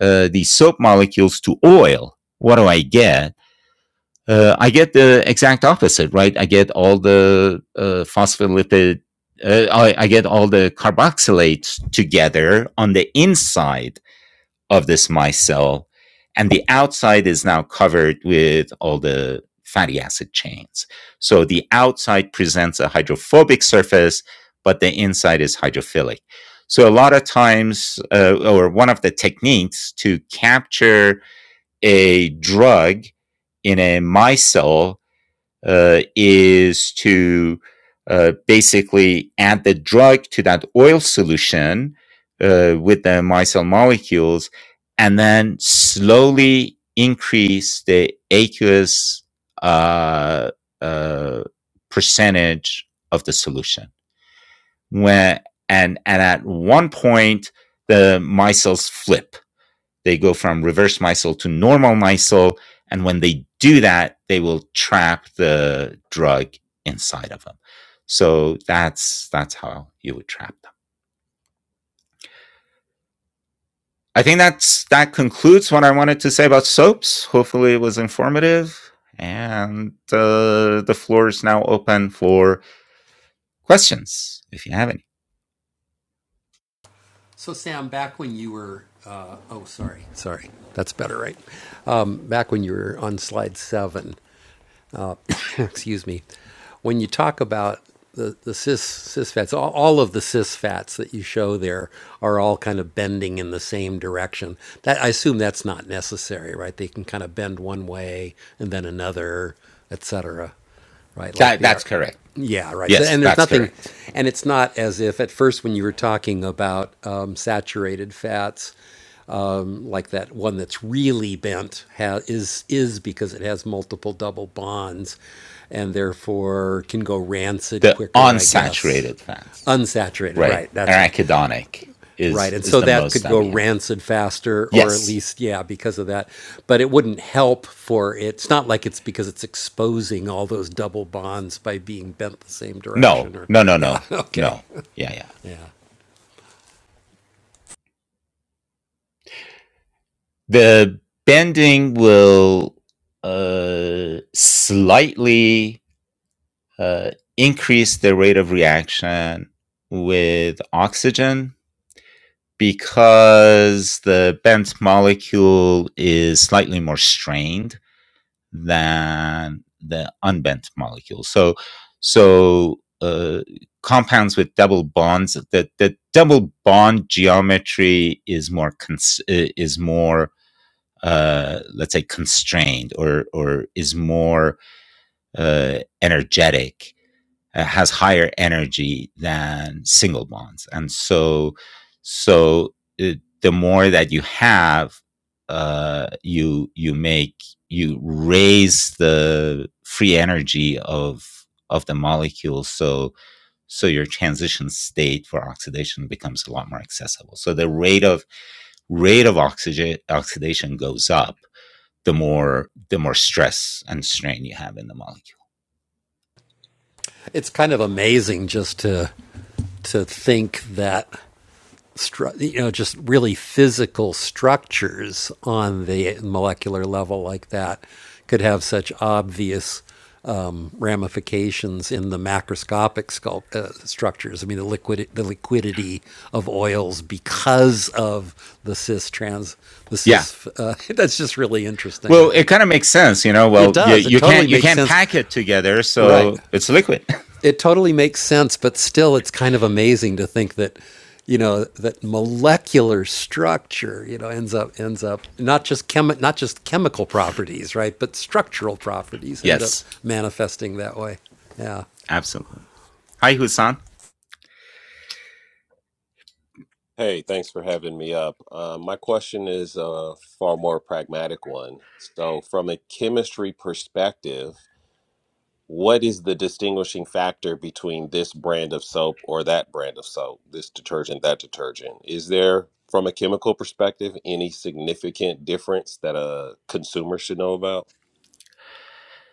uh, these soap molecules to oil, what do I get? Uh, I get the exact opposite, right? I get all the uh, phospholipid, uh, I, I get all the carboxylates together on the inside of this micelle. And the outside is now covered with all the fatty acid chains. So the outside presents a hydrophobic surface, but the inside is hydrophilic. So a lot of times, uh, or one of the techniques to capture a drug in a micelle uh, is to uh, basically add the drug to that oil solution uh, with the micelle molecules and then slowly increase the aqueous uh, uh, percentage of the solution. When, and, and at one point, the micelles flip they go from reverse micelle to normal micelle, And when they do that, they will trap the drug inside of them. So that's that's how you would trap them. I think that's that concludes what I wanted to say about soaps. Hopefully, it was informative. And uh, the floor is now open for questions if you have any.
So Sam, back when you were, uh, oh sorry, sorry, that's better, right? Um, back when you were on slide seven, uh, [coughs] excuse me, when you talk about the, the cis, cis fats, all, all of the cis fats that you show there are all kind of bending in the same direction. That I assume that's not necessary, right? They can kind of bend one way and then another, etc. Right, like
That
the
that's
art.
correct.
Yeah, right. So,
Yes,
and there's
that's
nothing,
correct.
and it's not as if at first when you were talking about um, saturated fats, um, like that one that's really bent ha- is is because it has multiple double bonds, and therefore can go rancid
The
quicker, I guess.
unsaturated fats,
Unsaturated,
right?
right? That's right,
Arachidonic
right.
is
And
is
so
the
that
most
could
that
go
we have here.
rancid faster, or at
Yes.
least yeah, because of that. But it wouldn't help for it. It's not like it's because it's exposing all those double bonds by being bent the same
No.
direction, or
No. No.
yeah,
No.
[laughs] okay,
No. Yeah. Yeah.
yeah.
The bending will uh, slightly uh, increase the rate of reaction with oxygen because the bent molecule is slightly more strained than the unbent molecule. So, so uh, compounds with double bonds, the, the double bond geometry is more cons- uh, is more uh, let's say constrained or or is more uh, energetic uh, has higher energy than single bonds and so so uh, the more that you have uh, you you make you raise the free energy of of the molecule so so your transition state for oxidation becomes a lot more accessible so the rate of rate of oxygen oxidation goes up the more the more stress and strain you have in the molecule
It's kind of amazing just to to think that stru- you know, just really physical structures on the molecular level like that could have such obvious um, ramifications in the macroscopic scul- uh, structures. I mean, the liquid, the liquidity of oils because of the cis trans, the
yeah
cis. Uh, [laughs] that's just really interesting. I
Well, it
think
kind of makes sense, you know.
it
Well, you,
does. It
you
totally
can't you
makes
can't
sense.
pack it together,
Right
so it's liquid.
it totally makes sense, but still, it's kind of amazing to think that, you know, that molecular structure, you know, ends up ends up not just chemi- not just chemical properties, right, but structural
[laughs]
properties end up
yes,
manifesting that way. Yeah.
absolutely. Hi, Husan.
Hey, thanks for having me up. Uh, my question is a far more pragmatic one. So, from a chemistry perspective, what is the distinguishing factor between this brand of soap or that brand of soap, this detergent, that detergent? Is there, from a chemical perspective, any significant difference that a consumer should know about?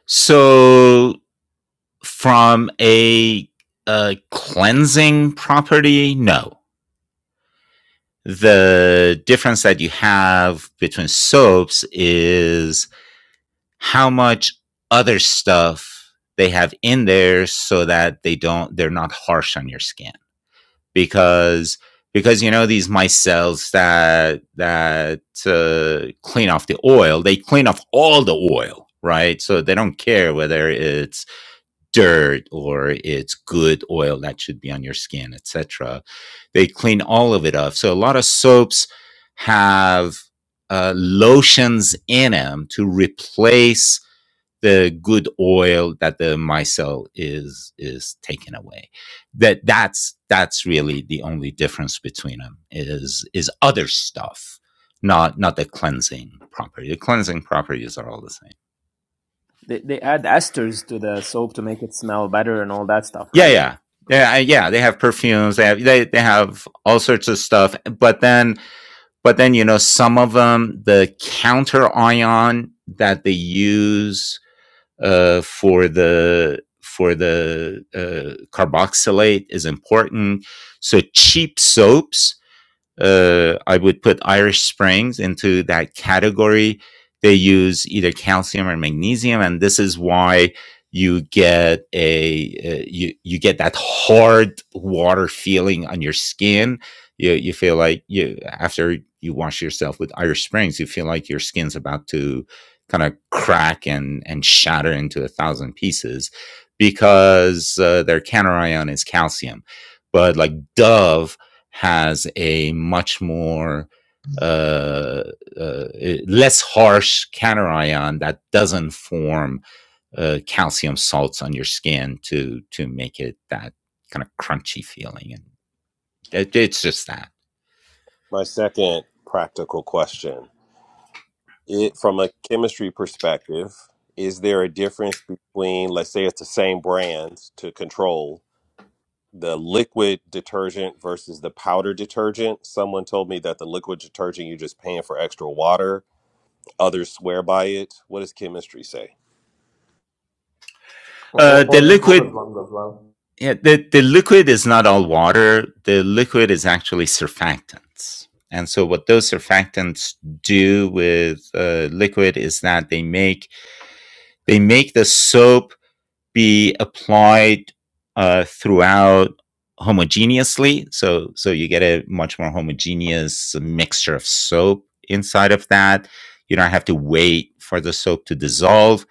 So, from a, a cleansing property, no. The difference that you have between soaps is how much other stuff they have in there, so that they don't they're not harsh on your skin. because because you know these mice cells that that uh, clean off the oil they clean off all the oil right so they don't care whether it's dirt or it's good oil that should be on your skin etc they clean all of it off so a lot of soaps have uh, lotions in them to replace the good oil that the micelle is is taken away that that's that's really the only difference between them is is other stuff not not the cleansing property the cleansing properties are all the same
They they add esters to the soap to make it smell better and all that stuff,
yeah
right?
yeah yeah yeah they have perfumes they have they, they have all sorts of stuff but then but then you know some of them the counter ion that they use uh, for the for the uh, carboxylate is important. So cheap soaps uh, I would put Irish Springs into that category. They use either calcium or magnesium, and this is why you get a uh, you you get that hard water feeling on your skin. You you feel like you after you wash yourself with Irish Springs, you feel like your skin's about to kind of crack and and shatter into a thousand pieces because uh, their counter ion is calcium. But like Dove has a much more uh, uh, eh, less harsh cation that doesn't form uh, calcium salts on your skin to to make it that kind of crunchy feeling and it, it's just that
My second practical question, it from a chemistry perspective, is there a difference between, let's say it's the same brands to control? the liquid detergent versus the powder detergent. Someone told me that the liquid detergent you're just paying for extra water. Others swear by it. What does chemistry say?
Or, or,
uh, the
or the
liquid
solid ones as well.
yeah, the, the liquid is not all water the liquid is actually surfactants and so what those surfactants do with uh, liquid is that they make they make the soap be applied uh, throughout homogeneously. So so you get a much more homogeneous mixture of soap inside of that. You don't have to wait for the soap to dissolve.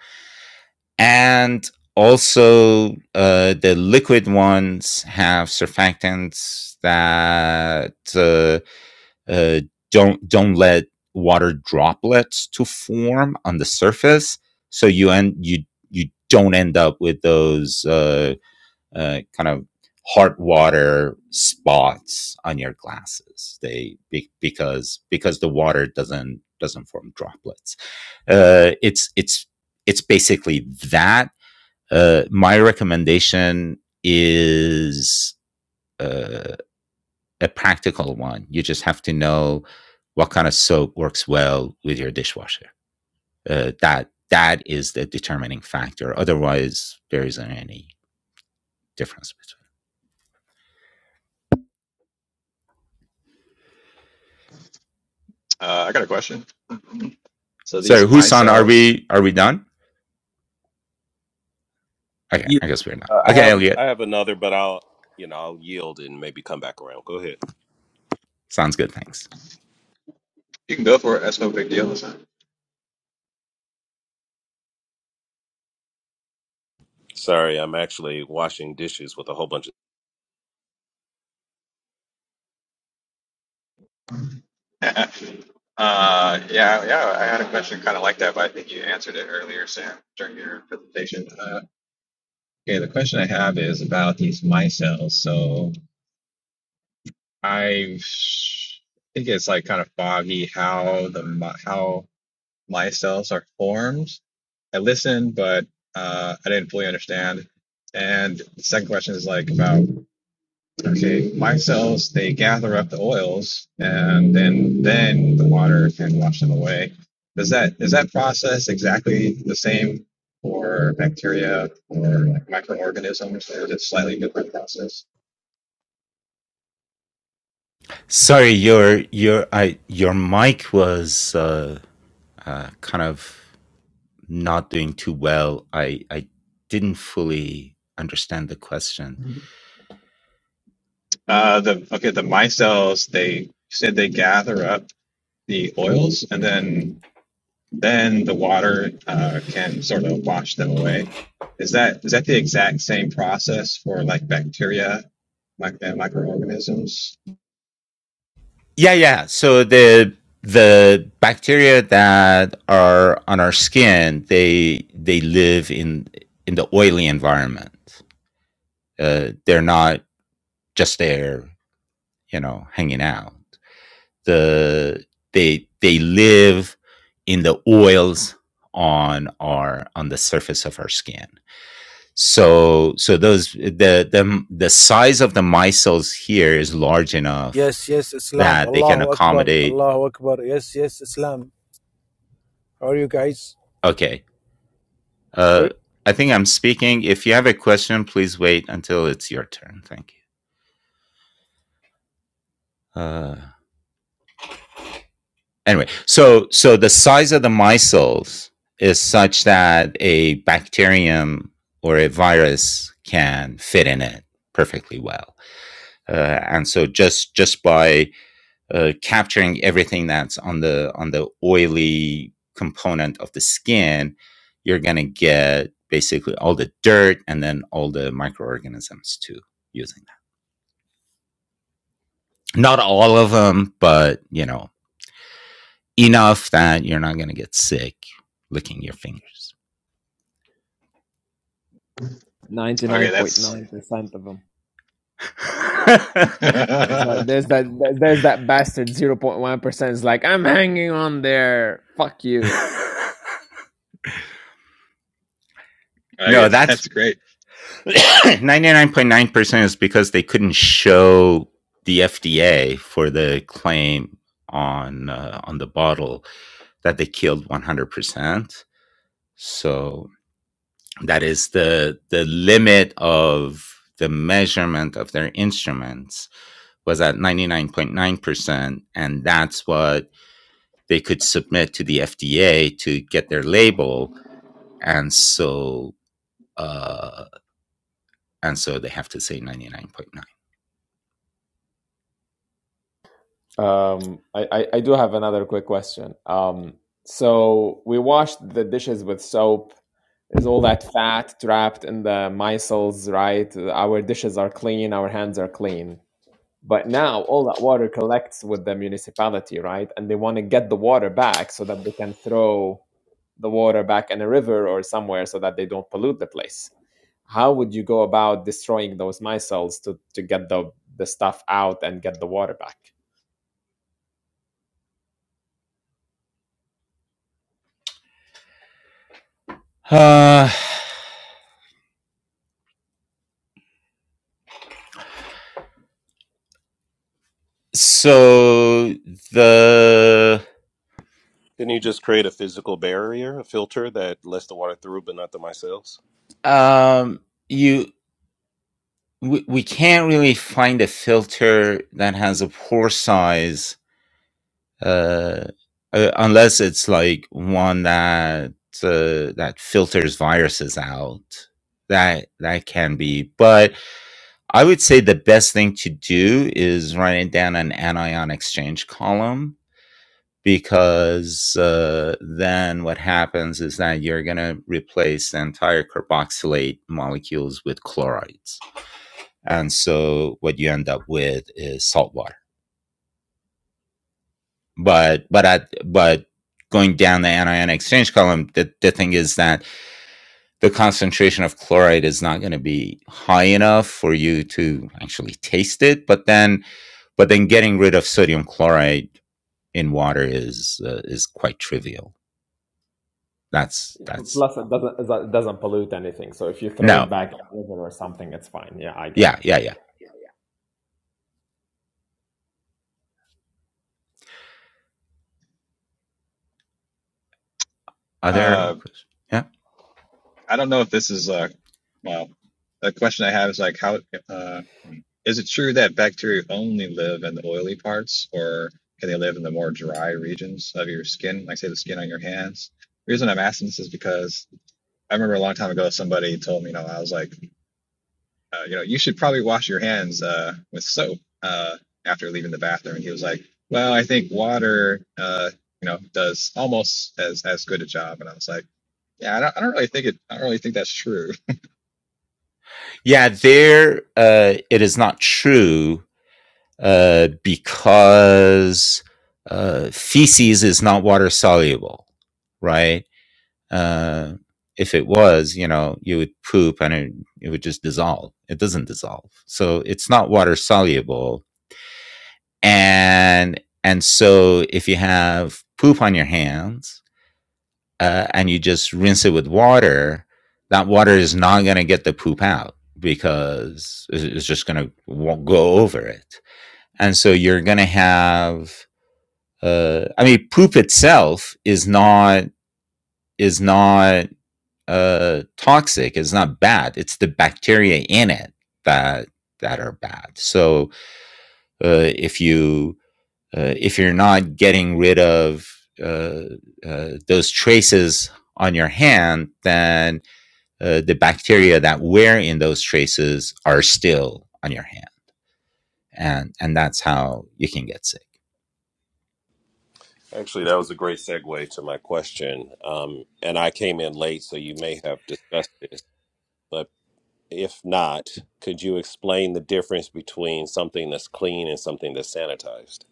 And also, uh, the liquid ones have surfactants that uh, uh, don't don't let water droplets to form on the surface so you end you you don't end up with those uh, uh, kind of hard water spots on your glasses they be, because because the water doesn't doesn't form droplets uh, it's it's it's basically that uh, my recommendation is uh, a practical one. You just have to know what kind of soap works well with your dishwasher. Uh, that that is the determining factor. Otherwise, there isn't any difference between.
Uh, I got a question. So these
So,
my
Husan, are
cells,
we are we done? Okay,
Yeah.
I guess we're done.
Uh, I
Okay,
have I
Elliot,
have another, but I'll you know I'll yield and maybe come back around. Go ahead.
sounds good. Thanks.
you can go for it. That's no big deal. Listen.
Sorry, I'm actually washing dishes with a whole bunch of.
[laughs] uh, yeah, yeah. I had a question kind of like that, but I think you answered it earlier, Sam, during your presentation. Uh, okay, the question I have is about these micelles. So I've I think it's like kind of foggy how the mi- how myself are formed. I listened, but uh, I didn't fully understand. And the second question is like about Okay, my cells they gather up the oils, and then then the water can wash them away. Does that is that process exactly the same for bacteria or like microorganisms, or is it slightly different process?
Sorry, your your I your mic was uh, uh, kind of not doing too well. I I didn't fully understand the question.
Uh, the okay, the micelles they said they gather up the oils, and then then the water uh, can sort of wash them away. Is that is that the exact same process for like bacteria, like uh, microorganisms?
Yeah, yeah. So the the bacteria that are on our skin, they they live in in the oily environment. Uh, they're not just there, you know, hanging out. The they they live in the oils on our on the surface of our skin. So so those the the the size of the micelles here is large enough
Yes, yes, Islam.
that they can
Allahu Akbar,
accommodate
Allahu Akbar. Yes, yes, Islam. How are you guys?
okay
Where,
Uh, I think I'm speaking. If you have a question, please wait until it's your turn. Thank you. Uh, anyway, so so the size of the micelles is such that a bacterium or a virus can fit in it perfectly well. Uh, and so just just by uh, capturing everything that's on the on the oily component of the skin, you're gonna get basically all the dirt and then all the microorganisms too using Not all of them, but you know, enough that you're not going to get sick licking your fingers.
Ninety
Okay,
nine point
that's
nine percent of them.
[laughs]
Is that
okay,
there's that there's that bastard zero point one percent is like I'm hanging on there. Fuck you.
[laughs] no, that's
that's great.
[coughs] [clears throat] 99.9% is because they couldn't show the FDA for the claim on uh, on the bottle that they killed 100%. So that is the the limit of the measurement of their instruments was at 99.9% and that's what they could submit to the FDA to get their label and so uh, and so they have to say 99.9
Um, I, I, I do have another quick question. Um, so we washed the dishes with soap. Is all that fat trapped in the micelles, right? Our dishes are clean, our hands are clean. But now all that water collects with the municipality, right? And they want to get the water back so that they can throw the water back in a river or somewhere so that they don't pollute the place. How would you go about destroying those micelles to, to get the, the stuff out and get the water back?
uh, so the
Can you just create a physical barrier, a filter that lets the water through, but not the micelles?
um, you we, we can't really find a filter that has a pore size uh, uh, unless it's like one that uh, that filters viruses out that that can be but i would say the best thing to do is writing down an anion exchange column because uh, then what happens is that you're going to replace the entire carboxylate molecules with chlorides and so what you end up with is salt water. but but I but going down the anion exchange column, the, the thing is that the concentration of chloride is not going to be high enough for you to actually taste it. But then, but then getting rid of sodium chloride in water is uh, is quite trivial. That's that's
Plus, it doesn't it doesn't pollute anything. So if you throw
no,
it back in a river or something, it's fine. Yeah, I get
yeah,
it.
yeah, yeah. Are there?
Um,
Yeah,
I don't know if this is uh well the question I have is like how uh hmm. is it true that bacteria only live in the oily parts or can they live in the more dry regions of your skin, like say the skin on your hands? The reason I'm asking this is because I remember a long time ago somebody told me, you know, I was like, uh, you know, you should probably wash your hands uh with soap uh after leaving the bathroom. And he was like, Well, I think water uh, you know, does almost as as good a job. And I was like, yeah, I don't, I don't really think it. I don't really think that's true.
yeah. There, uh, it is not true uh, because uh, feces is not water soluble, right? Uh, if it was, you know, you would poop and it, it would just dissolve. It doesn't dissolve, so it's not water soluble. And and so if you have poop on your hands uh, and you just rinse it with water, that water is not going to get the poop out because it's it's just going to go over it. And so you're going to have uh, I mean, poop itself is not is not uh, toxic. It's not bad. It's the bacteria in it that that are bad. So uh, if you uh, if you're not getting rid of uh, uh, those traces on your hand, then uh, the bacteria that were in those traces are still on your hand, and and that's how you can get sick.
Actually, that was a great segue to my question. Um, and I came in late, so you may have discussed this. But if not, could you explain the difference between something that's clean and something that's sanitized?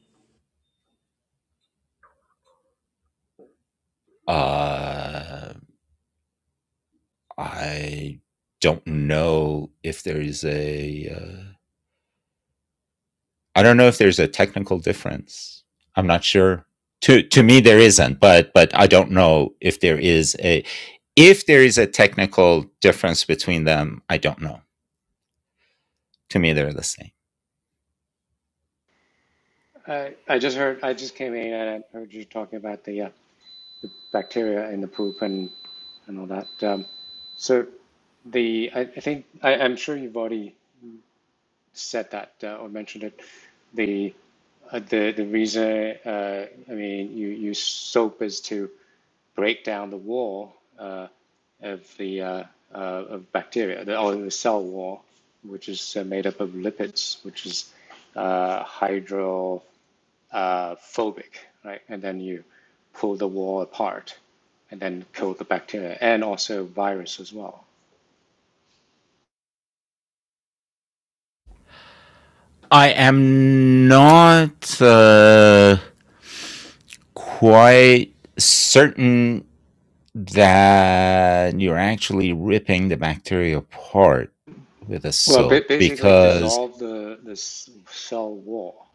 Uh, I don't know if there is a. Uh, I don't know if there's a technical difference. I'm not sure. To to me, there isn't, but but I don't know if there is a. If there is a technical difference between them, I don't know. To me, they're the same.
I, I just heard, I just came in and I heard you talking about the, uh, the bacteria in the poop and, and all that. Um, so the, I, I think, I, I'm sure you've already said that uh, or mentioned it. The, uh, the, the reason, uh, I mean, you use soap is to break down the wall uh, of the, uh, uh, of bacteria, the, or the cell wall, which is uh, made up of lipids, which is uh, hydro. uh, phobic, right? And then you pull the wall apart and then kill the bacteria and also virus as well.
I am not uh, quite certain that you're actually ripping the bacteria apart with a
Well, ba-
soap
basically
because
dissolve the, the cell wall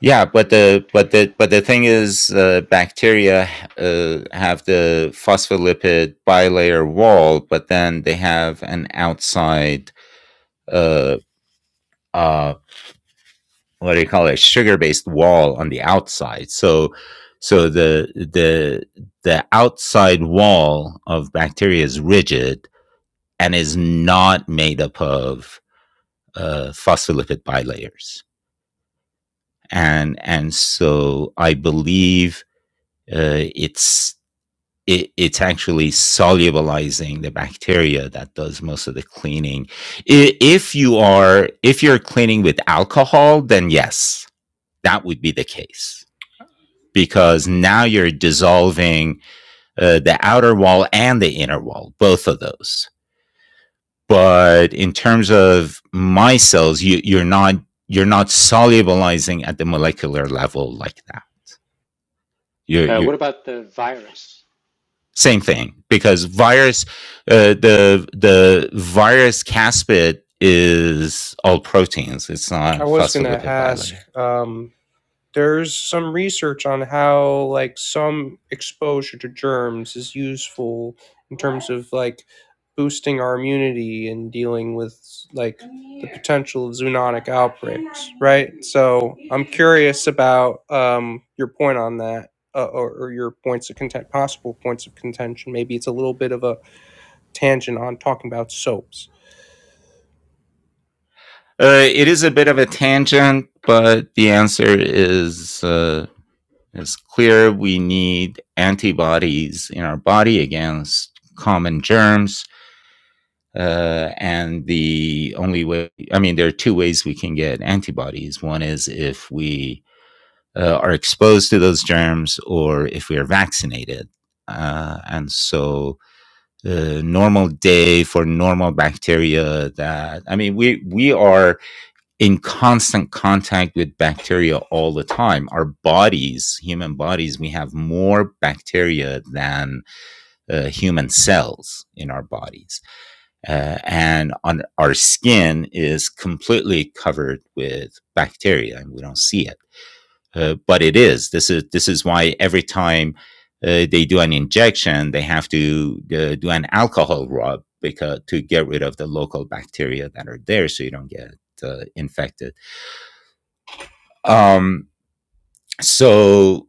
Yeah, but
of the
the but
bacteria.
the but the thing is, uh, bacteria uh, have the phospholipid bilayer wall, but then they have an outside, uh, uh, what do you call it, sugar-based wall on the outside. So, so the the the outside wall of bacteria is rigid and is not made up of uh, phospholipid bilayers, and and so I believe uh, it's it, it's actually solubilizing the bacteria that does most of the cleaning. I- If you are if you're cleaning with alcohol, then yes, that would be the case because now you're dissolving uh, the outer wall and the inner wall, both of those. But in terms of my cells, you, you're not you're not solubilizing at the molecular level like that.
Uh,
You
what about the virus?
Same thing because virus, uh, the the virus caspid is all proteins. It's not
I was gonna
phospholipid
ask.
bilayer.
Um, there's some research on how like some exposure to germs is useful in terms of like boosting our immunity and dealing with like the potential of zoonotic outbreaks, right? So I'm curious about um, your point on that, uh, or, or your points of content, possible points of contention. Maybe it's a little bit of a tangent on talking about soaps.
Uh, it is a bit of a tangent, but the answer is uh, is clear. We need antibodies in our body against common germs. Uh, and the only way, I mean, there are two ways we can get antibodies. One is if we uh, are exposed to those germs or if we are vaccinated. Uh, and so, uh, normal day for normal bacteria that I mean, we we are in constant contact with bacteria all the time. Our bodies, human bodies, we have more bacteria than uh, human cells in our bodies, uh, and on our skin is completely covered with bacteria, and we don't see it. Uh, but it is. This is this is why every time uh, they do an injection, they have to uh, do an alcohol rub because to get rid of the local bacteria that are there, so you don't get uh, infected. Um, so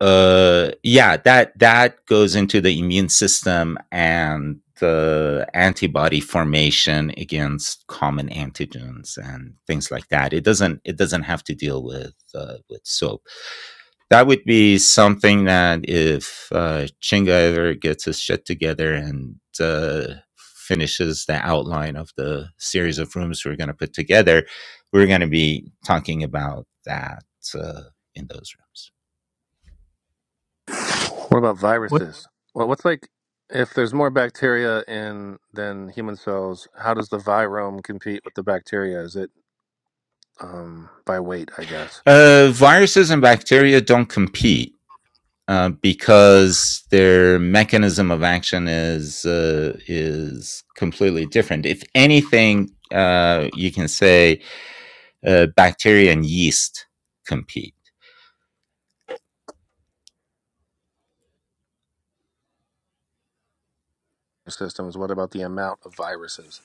Uh, yeah, that that goes into the immune system and the antibody formation against common antigens and things like that. It doesn't it doesn't have to deal with uh, with soap that would be something that if uh, Chinga ever gets his shit together and uh, finishes the outline of the series of rooms we're going to put together, we're going to be talking about that uh, in those rooms.
What about
What
viruses? Well, what's like if there's more bacteria in than human cells? How does the virome compete with the bacteria? Is it um, by weight? I guess
Uh, viruses and bacteria don't compete. Uh, because their mechanism of action is uh, is completely different. If anything, uh, you can say uh, bacteria and yeast compete
systems. What about the amount of viruses?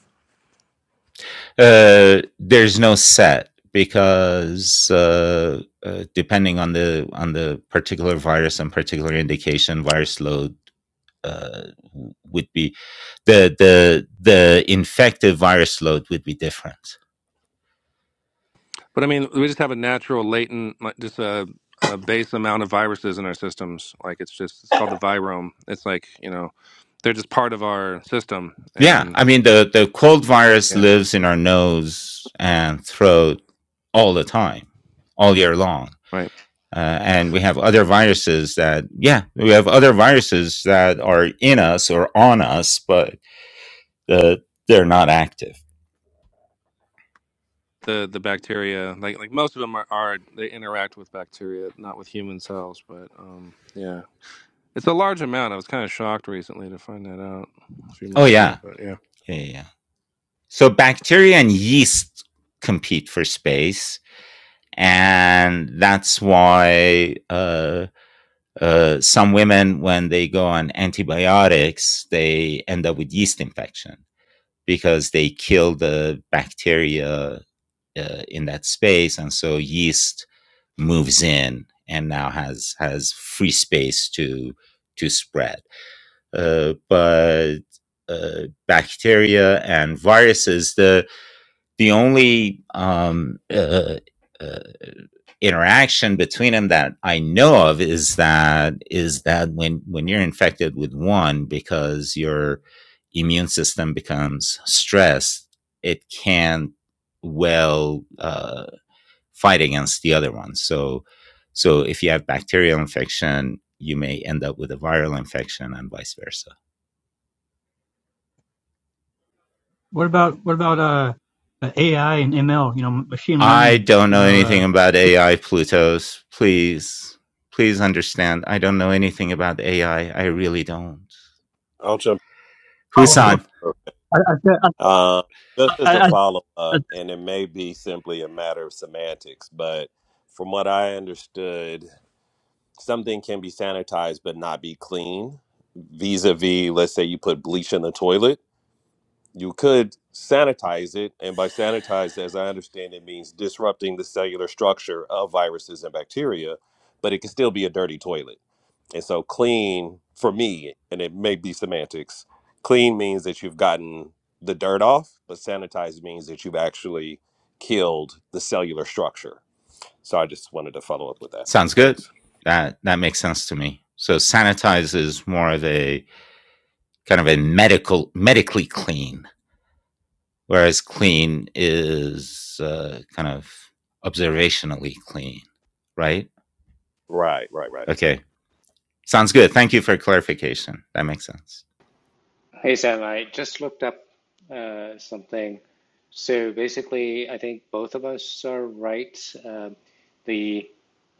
Uh, there's no set because uh, uh, depending on the on the particular virus and particular indication, virus load uh, would be the the the infected virus load would be different.
But I mean, we just have a natural latent, like, just a, a base amount of viruses in our systems. Like it's just it's called the virome. It's like you know, they're just part of our system,
Yeah,
and
I mean the the cold virus
yeah,
lives in our nose and throat all the time, all year long.
right.
Uh, and we have other viruses that, yeah, we have other viruses that are in us or on us, but uh, they're not active.
the the bacteria like like most of them are, are they interact with bacteria not with human cells but um yeah it's a large amount i was kind of shocked recently to find that out a few
Oh
months
yeah,
ago but yeah
yeah, yeah. yeah. So bacteria and yeast compete for space, and that's why uh, Uh, some women, when they go on antibiotics, they end up with yeast infection because they kill the bacteria uh, in that space, and so yeast moves in and now has has free space to to spread. Uh, but uh, bacteria and viruses, the the only um, uh, uh, interaction between them that I know of is that is that when when you're infected with one because your immune system becomes stressed, it can not well uh, fight against the other one. So so if you have bacterial infection, you may end up with a viral infection and vice versa.
what about what about uh uh, AI and ML? You know, machine
I
learning.
don't
You
know
know,
anything
uh,
about
to,
AI, Plutos. Please, please understand. I don't know anything about AI. I I really don't.
I'll jump
oh,
in.
oh,
Husan,
Okay.
I, I,
Um, just as a
I, I,
follow
I,
up, and it may be simply a matter of semantics, but from what I understood, something can be sanitized but not be clean. Vis a vis, let's say you put bleach in the toilet you could sanitize it and by sanitize as i understand it means disrupting the cellular structure of viruses and bacteria but it can still be a dirty toilet and so clean for me and it may be semantics clean means that you've gotten the dirt off but sanitized means that you've actually killed the cellular structure so i just wanted to follow up with that
Sounds good.
thanks
That that makes sense to me. So sanitize is more of a kind of a medical medically clean, whereas clean is uh, kind of observationally clean, right?
right right right Exactly.
Okay. Sounds good. Thank you for clarification. That makes sense.
Hey Sam, I just looked up uh, something. So basically, I think both of us are right. Um the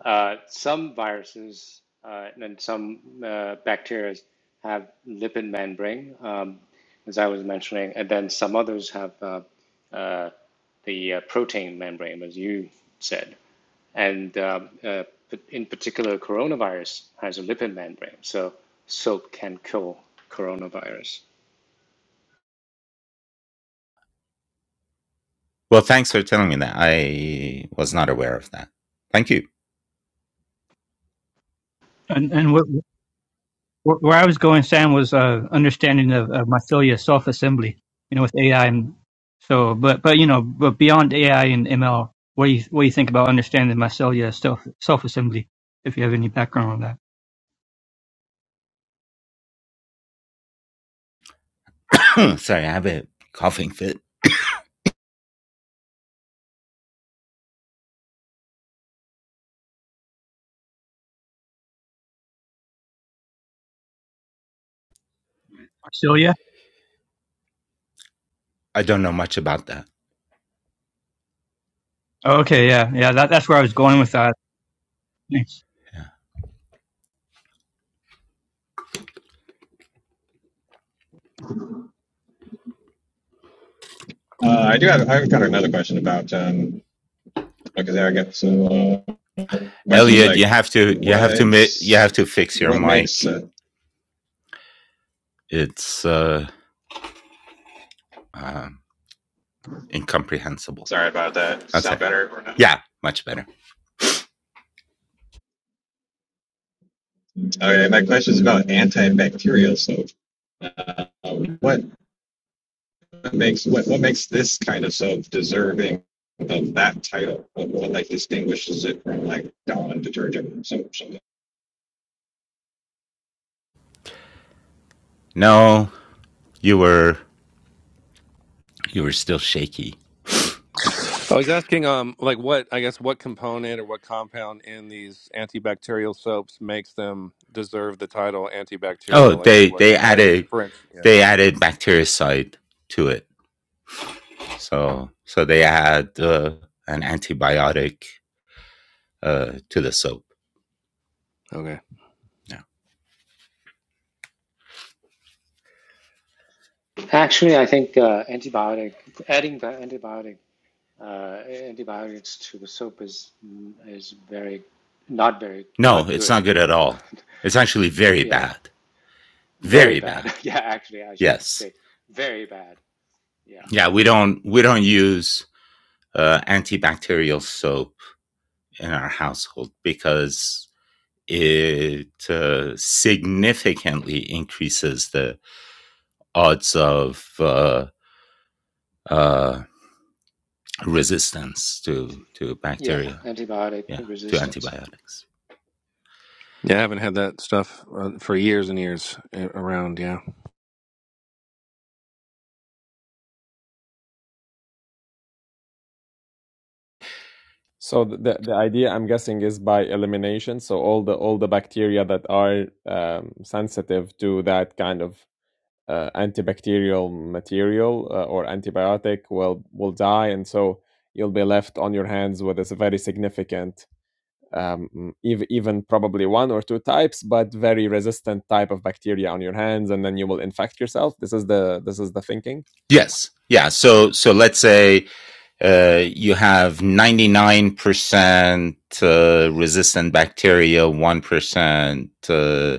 uh, some viruses uh, and some uh, bacteria have lipid membrane, um, as I was mentioning, and then some others have uh, uh, the uh, protein membrane, as you said. And um, uh, p- in particular, coronavirus has a lipid membrane, so soap can kill coronavirus.
Well, thanks for telling me that. I was not aware of that. Thank you.
and, and what, where where I was going, Sam, was uh, understanding of, of mycelia self assembly. You know, with AI and so, but but you know, but beyond AI and ML, what do you what do you think about understanding mycelia self self assembly? If you have any background on that,
[clears throat] Sorry, I have a coughing fit.
mycelia.
I don't know much about that.
Oh, okay, yeah, yeah, that, that's where I was going with that. Thanks.
Yeah.
Uh, I do have. I've got another question about um, because I got some uh, questions
Elliot,
like
you have to you have to mi- you
what's
have to fix your
what makes.
mic.
Uh,
It's uh, um, incomprehensible.
sorry about that.
That's
Sound
it.
better or not?
Yeah, much better.
Okay, my question is about antibacterial soap. Uh, what makes what what makes this kind of soap deserving of that title? What, what like distinguishes it from like Dawn detergent soap or something?
No, you were you were still shaky.
i was asking um like what i guess what component or what compound in these antibacterial soaps makes them deserve the title
Oh,
antibacterial like
they
like what
they
what
added
different yeah
they added bactericide to it. So so they add uh, an antibiotic uh, to the soap.
okay
No,
Actually, I think uh, antibiotic adding the antibiotic uh, antibiotics to the soap is mm, is very not very
No,
not
it's
good.
not good at all.
[laughs]
It's actually very
Yeah,
bad.
very
Very bad.
bad. [laughs] Yeah, actually, I should
Yes.
say very bad. Yeah,
Yeah, we don't we don't use uh, antibacterial soap in our household because it uh, significantly increases the odds of uh, uh, resistance to to
yeah,
bacteria.
antibiotic
Yeah, to
resistance.
antibiotics.
yeah i haven't had that stuff uh, for years and years uh, around yeah
So the the idea I'm guessing is by elimination. So all the all the bacteria that are um, sensitive to that kind of uh, antibacterial material uh, or antibiotic will will die, and so you'll be left on your hands with a very significant, um, even even probably one or two types, but very resistant type of bacteria on your hands, and then you will infect yourself. This is the this is the thinking
Yes. Yeah. So so let's say uh, you have ninety nine percent uh, resistant bacteria, one percent uh,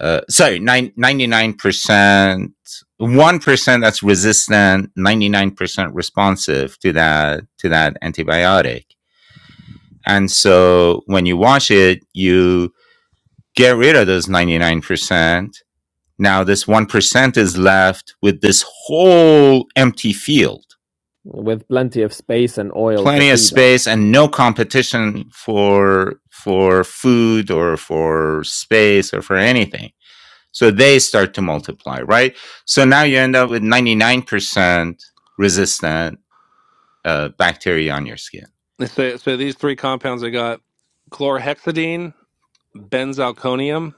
uh, sorry, nine ninety nine 1% that's resistant, 99% responsive to that, to that antibiotic. And so when you wash it, you get rid of those 99%. Now this 1% is left with this whole empty field,
with plenty of space and oil to
plenty of
feed
space
on.
and no competition for, for food or for space or for anything So they start to multiply, right? So now you end up with 99% resistant uh, bacteria on your skin.
so, so these three compounds i got chlorhexidine benzalkonium,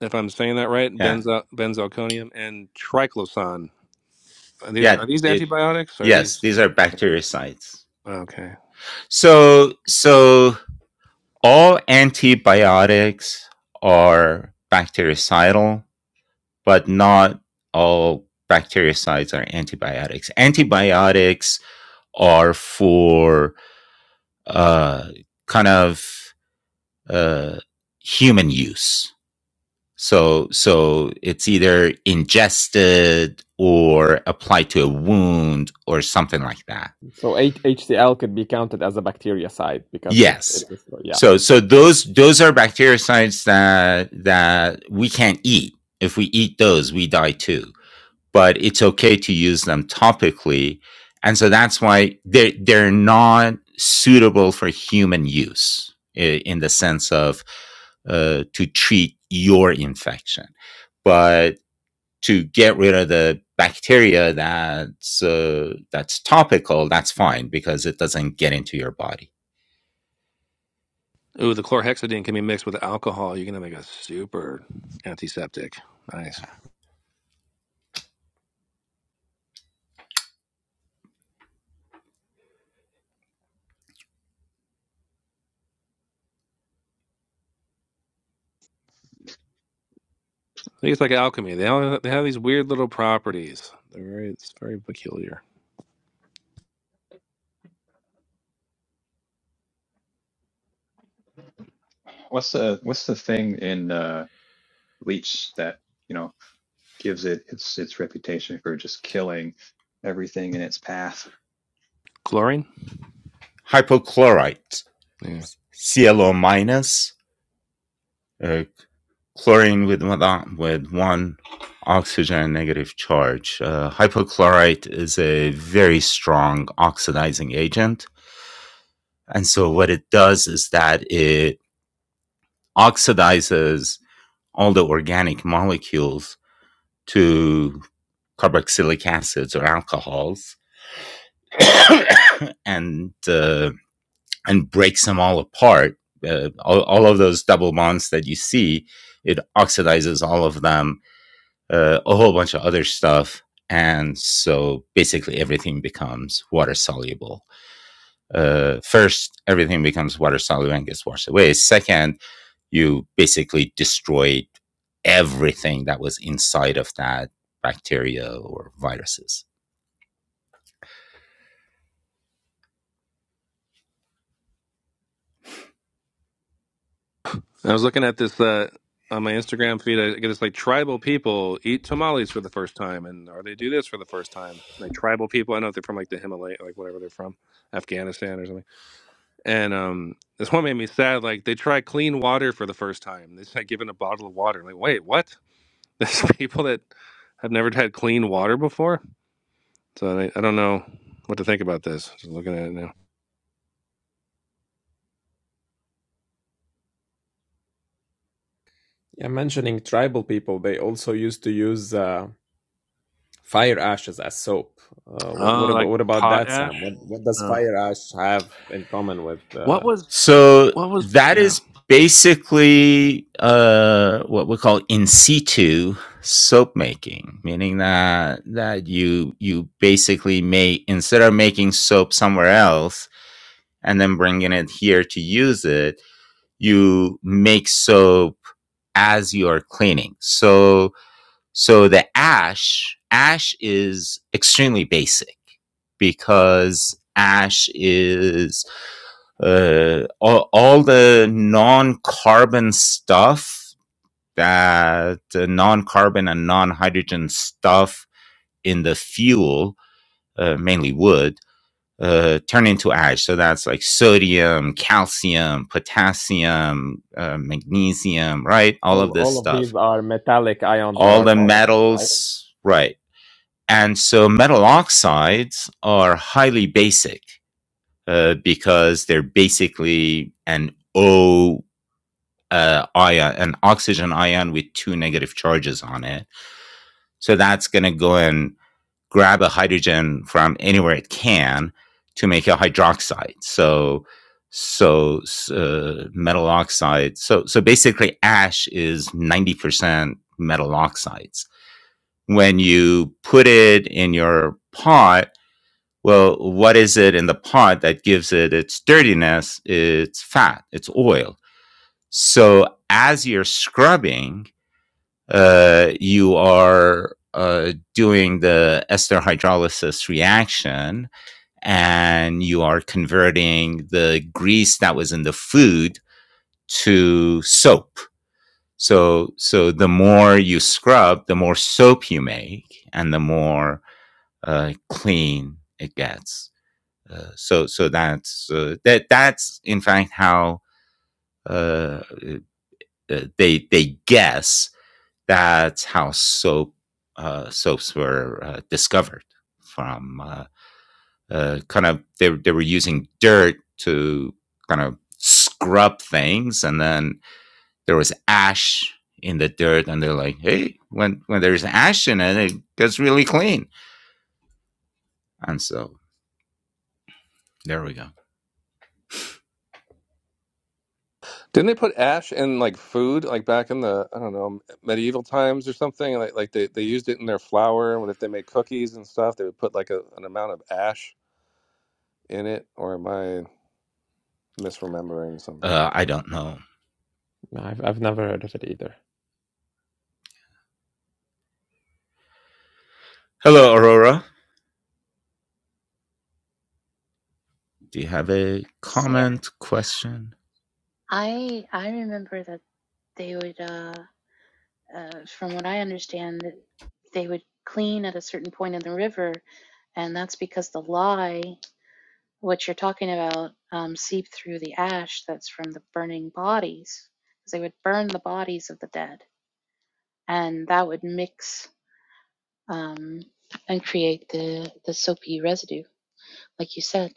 if I'm saying that right,
Yeah.
benzo, benzalkonium, and triclosan. Are these
Yeah.
are these
It,
antibiotics? Are
yes,
these
these are
okay?
bactericides.
Okay.
So, so all antibiotics are bactericidal, but not all bactericides are antibiotics. Antibiotics are for uh, kind of uh, human use So, so it's either ingested or applied to a wound or something like that.
So H- HCl could be counted as a bactericide because it, it
Yes.
is destroy- yeah.
So, so those, those are bactericides that, that we can't eat. If we eat those, we die too, but it's okay to use them topically. And so that's why they're, they're not suitable for human use in the sense of, uh, to treat your infection but. to get rid of the bacteria that's uh, that's topical, that's fine because it doesn't get into your body.
Ooh, the chlorhexidine can be mixed with alcohol. You're gonna make a super antiseptic. Nice. I think it's like alchemy. They all they have these weird little properties. They're very it's very peculiar.
What's the what's the thing in uh, Bleach that you know? gives it its its reputation for just killing everything in its path.
Chlorine.
Hypochlorite,
Yeah.
ClO minus, uh, chlorine with one, uh, with one oxygen negative charge. Uh, hypochlorite is a very strong oxidizing agent, and so what it does is that it oxidizes all the organic molecules to carboxylic acids or alcohols [coughs] and uh, and breaks them all apart. Uh, all, all of those double bonds that you see, it oxidizes all of them, uh, a whole bunch of other stuff, and so basically everything becomes water soluble. Uh, first, everything becomes water soluble and gets washed away. Second, you basically destroyed everything that was inside of that bacteria or viruses.
I was looking at this uh, on my Instagram feed. I get this like tribal people eat tamales for the first time, and or they do this for the first time. Like tribal people, I don't know if they're from like the Himalaya, like whatever they're from, Afghanistan or something. And um, this one made me sad. Like they try clean water for the first time. They like given a bottle of water. Like wait, what? [laughs] There's people that have never had clean water before. So I, I don't know what to think about this. Just looking at it now.
Yeah, mentioning tribal people, they also used to use uh, Fire ashes as soap. Uh, wh- what
Oh,
about
like
what about that, Sam?
potash.
What what does
No.
fire ash have in common with?
What
Uh...
was?
So
What was?
that
Yeah.
is basically uh, what we call in situ soap making, meaning that that you you basically make instead of making soap somewhere else and then bringing it here to use it, you make soap as you are cleaning. So so the ash, ash is extremely basic because ash is uh, all, all the non-carbon stuff that uh, non-carbon and non-hydrogen stuff in the fuel, uh, mainly wood, uh, turn into ash. So that's like sodium, calcium, potassium, uh, magnesium, right? All of
All
this
all of
stuff.
these are metallic ions that
All
are
the
positive, right?
metals, right? And so metal oxides are highly basic uh, because they're basically an O uh, ion, an oxygen ion with two negative charges on it. So that's going to go and grab a hydrogen from anywhere it can to make a hydroxide. So so uh, metal oxide. So so basically, ash is ninety percent metal oxides. When you put it in your pot Well, what is it in the pot that gives it its dirtiness? It's fat, it's oil. So as you're scrubbing, uh, you are uh, doing the ester hydrolysis reaction and you are converting the grease that was in the food to soap. So, so the more you scrub, the more soap you make and the more uh, clean it gets. Uh, so so that's uh, that that's in fact how uh, uh, they they guess that's how soap uh, soaps were uh, discovered from uh, uh, kind of they they were using dirt to kind of scrub things, and then there was ash in the dirt, and they're like, hey, when when there's ash in it, it gets really clean, and so there we go.
Didn't they put ash in like food, like back in the I don't know medieval times or something? Like like they, they used it in their flour. When if they made cookies and stuff, they would put like a, an amount of ash in it. Or am I misremembering
Uh,
something?
I don't know.
No, I've I've never heard of it either.
Hello, Aurora. Do you have a
Fair.
comment, question?
I I remember that they would, uh, uh, from what I understand, that they would clean at a certain point in the river, and that's because the lye, what you're talking about, um, seeped through the ash that's from the burning bodies. 'Cause they would burn the bodies of the dead, and that would mix um, and create the the soapy residue, like you said.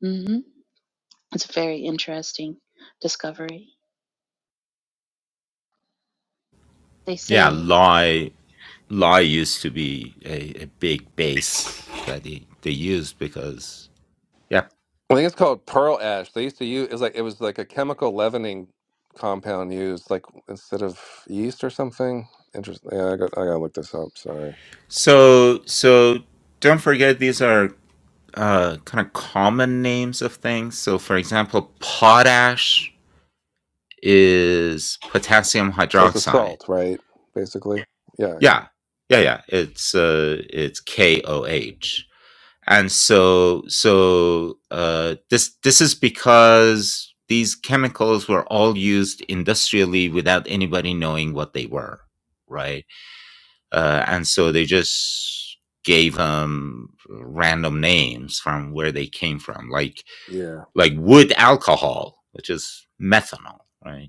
hmm It's a very interesting discovery. They
Yeah,
say
lie lie used to be a, a big base that they, they used because yeah.
I think it's called pearl ash. They used to use it's like it was like a chemical leavening compound used like instead of yeast or something. Interesting. Yeah, I got I gotta look this up. Sorry.
So so don't forget these are uh, kind of common names of things. So for example, potash is potassium
So it's a
hydroxide.
salt, right? Basically. Yeah. Yeah.
Yeah, yeah, yeah. It's uh, it's KOH, and so so uh, this this is because these chemicals were all used industrially without anybody knowing what they were, right? Uh, and so they just gave them random names from where they came from, like
yeah.
like wood alcohol, which is methanol, right?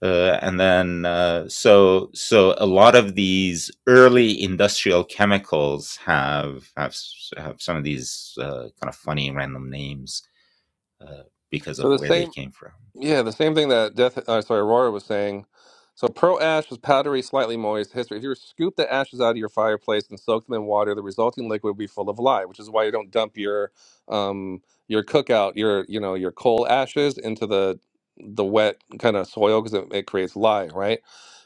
Uh, and then, uh, so so a lot of these early industrial chemicals have have, have some of these uh, kind of funny random names uh, because
So
of
the
where they
same.
came from.
Yeah, the same thing that Death, uh, sorry, Aurora was saying. So pearl ash is powdery, slightly moist. History. If you were to scoop the ashes out of your fireplace and soak them in water, the resulting liquid would be full of lye, which is why you don't dump your um your cookout, your you know, your coal ashes into the the wet kind of soil because it, it creates lye, right?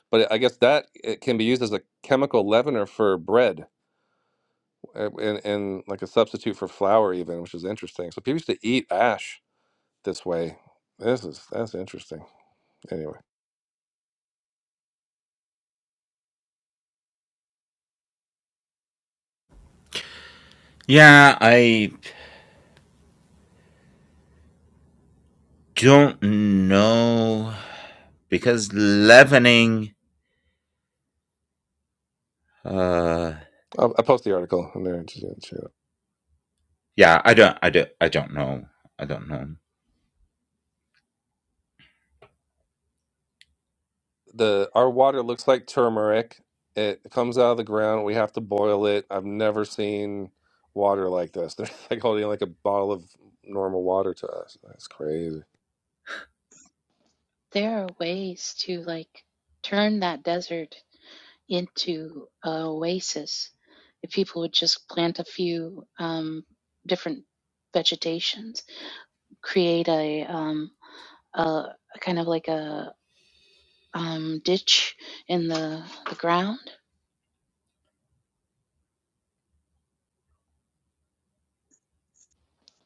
But I guess that it can be used as a chemical leavener for bread uh, and, and like a substitute for flour even, which is interesting. So people used to eat ash this way. This is that's interesting. Anyway.
Yeah, I don't know because leavening. Uh,
I'll, I'll post the article in there. Just gonna check it out.
yeah i don't i don't i don't know i don't know
The our water looks like turmeric. It comes out of the ground. We have to boil it. I've never seen water like this. [laughs] They're like holding like a bottle of normal water to us. That's crazy.
there are ways to like turn that desert into an oasis if people would just plant a few um, different vegetations, create a, um, a a kind of like a um, ditch in the, the ground.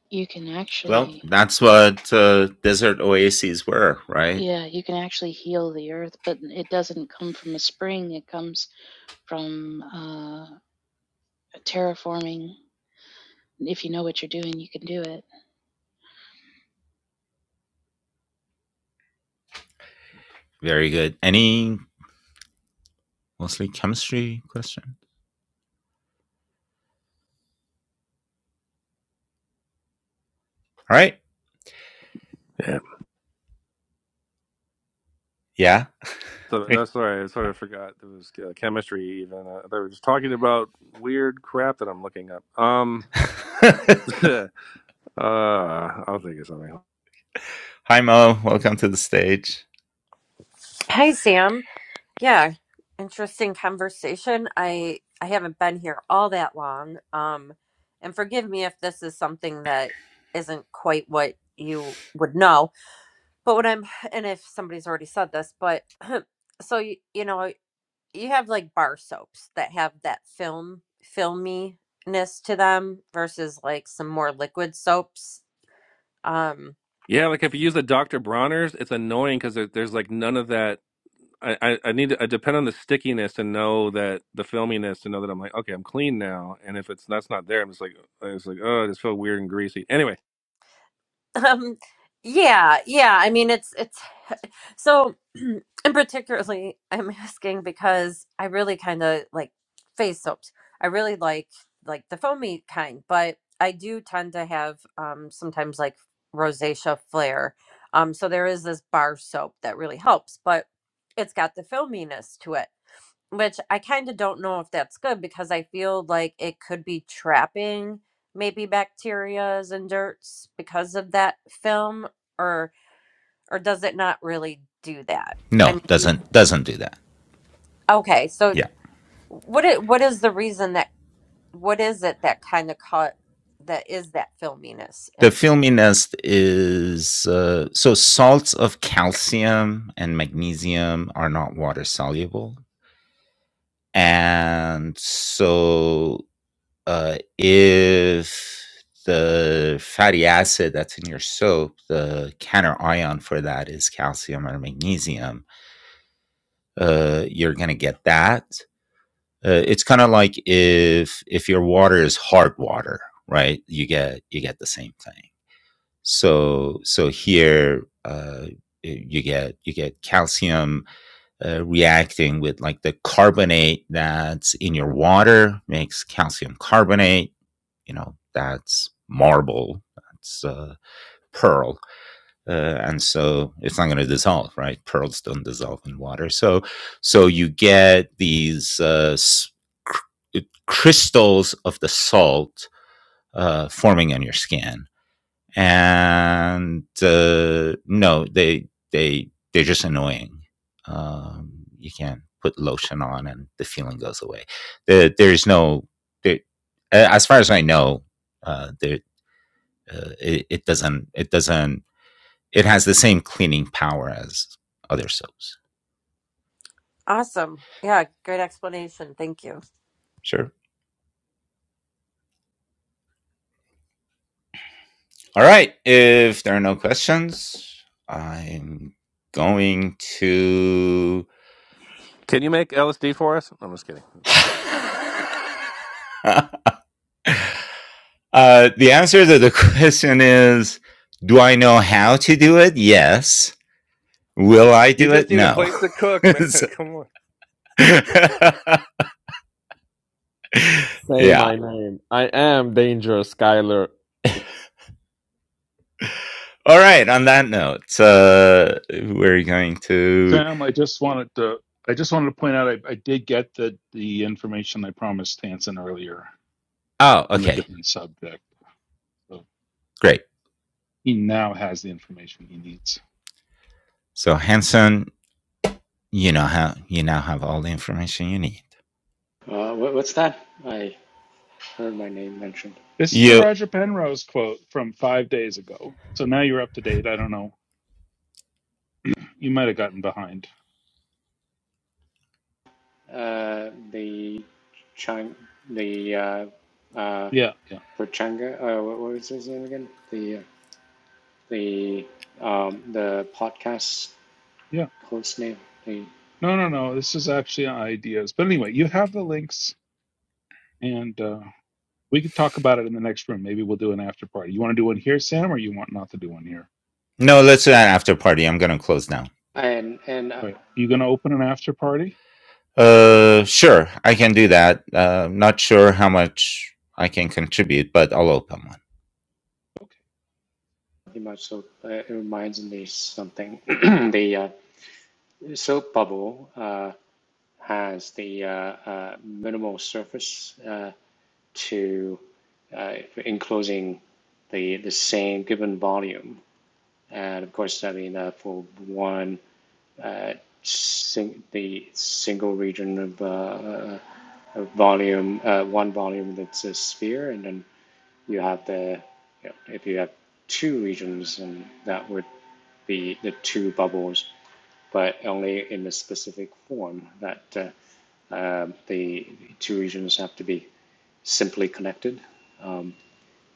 You can
well
actually,
that's what uh, desert oases were right
yeah, you can actually heal the earth, but it doesn't come from a spring. It comes from uh, terraforming. If you know what you're doing, you can do it.
very good any mostly chemistry question all right
Yeah.
yeah
So
Hey.
that's sorry, I sort of forgot there was uh, chemistry. Even uh, they were just talking about weird crap that I'm looking up. Um,
[laughs] hi
[laughs] uh, I'll think of something.
mo welcome to the stage
Hi, Sam. Yeah, interesting conversation. I I haven't been here all that long. Um, and forgive me if this is something that isn't quite what you would know. But when I'm, and if somebody's already said this, but [clears throat] so you, you know, you have like bar soaps that have that film filminess to them versus like some more liquid soaps. Um,
Yeah, like if you use the Dr. Bronner's, it's annoying because there, there's like none of that I, I I need to I depend on the stickiness to know that the filminess to know that I'm like okay I'm clean now and if it's that's not there I'm just like uh, it's like oh I just feel weird and greasy anyway
[laughs] um, yeah, yeah. I mean, it's it's So, [clears throat] and particularly, [laughs] I'm asking because I really kind of like face soaps. I really like like the foamy kind, but I do tend to have um, sometimes like rosacea flare. Um, so there is this bar soap that really helps, but it's got the filminess to it, which I kind of don't know if that's good because I feel like it could be trapping maybe bacterias and dirts because of that film or or does it not really do that? I
no
mean, you,
doesn't doesn't do that
okay, so
yeah
what it, what is the reason that what is it that kind of caught that is that filminess?
the
And so,
filminess is uh, so salts of calcium and magnesium are not water soluble and so uh, if the fatty acid that's in your soap, the counter ion for that is calcium or magnesium, uh, you're going to get that. Uh, it's kind of like if if your water is hard water, right? You get you get the same thing. So so here uh, you get you get calcium uh, reacting with like the carbonate that's in your water makes calcium carbonate you know that's marble that's uh, pearl uh, and so it's not going to dissolve right pearls don't dissolve in water so so you get these uh, cr- crystals of the salt uh, forming on your skin and uh, no they they they're just annoying um, you can put lotion on and the feeling goes away there, there's no there, as far as i know uh, there uh, it, it doesn't it doesn't it has the same cleaning power as other soaps
awesome, yeah, great explanation. Thank you.
Sure. all right if there are no questions i'm going to
can you make LSD for us I'm just kidding
[laughs] uh, the answer to the [laughs] question is do i know how to do it yes will i
you
do
just
it
need a
no
place to
[laughs]
cook man
So-
[laughs] come on.
[laughs]
Say
yeah
my name. I am dangerous, Skyler.
all right on that note uh, we're going to
Sam, I just wanted to I just wanted to point out I, I did get the the information I promised Hanson earlier
Oh,
on a
okay,
different subject. So
great.
he now has the information he needs.
So Hanson, you know how you now have all the information you need.
Uh, what, what's that? I heard my name mentioned.
This is the
You
Roger Penrose quote from five days ago. So now you're up to date. I don't know. You might have gotten behind.
Uh, the Chang, the uh, uh,
Yeah, yeah,
Pachanga. Uh, what, what was his name again? The uh, the um, the podcast
yeah.
Host name. They,
No, no, no. This is actually ideas. But anyway, you have the links, and uh, We could talk about it in the next room. Maybe we'll do an after party. You want to do one here, Sam, or you want not to do one here?
no, let's do an after party. I'm gonna close now.
and and uh,
Right. You going to open an after party?
Uh, sure, I can do that. Uh, not sure how much I can contribute, but I'll open one.
Okay.
pretty much so uh, it reminds me something. [clears throat] the uh, soap bubble uh, has the uh, uh, minimal surface uh, to uh, enclosing the the same given volume. And of course, I mean uh, for one uh, sing, the single region of uh, uh, volume, uh, one volume that's a sphere, and then you have the you know, if you have two regions, and that would be the two bubbles, but only in a specific form. That uh, um, the two regions have to be simply connected, um,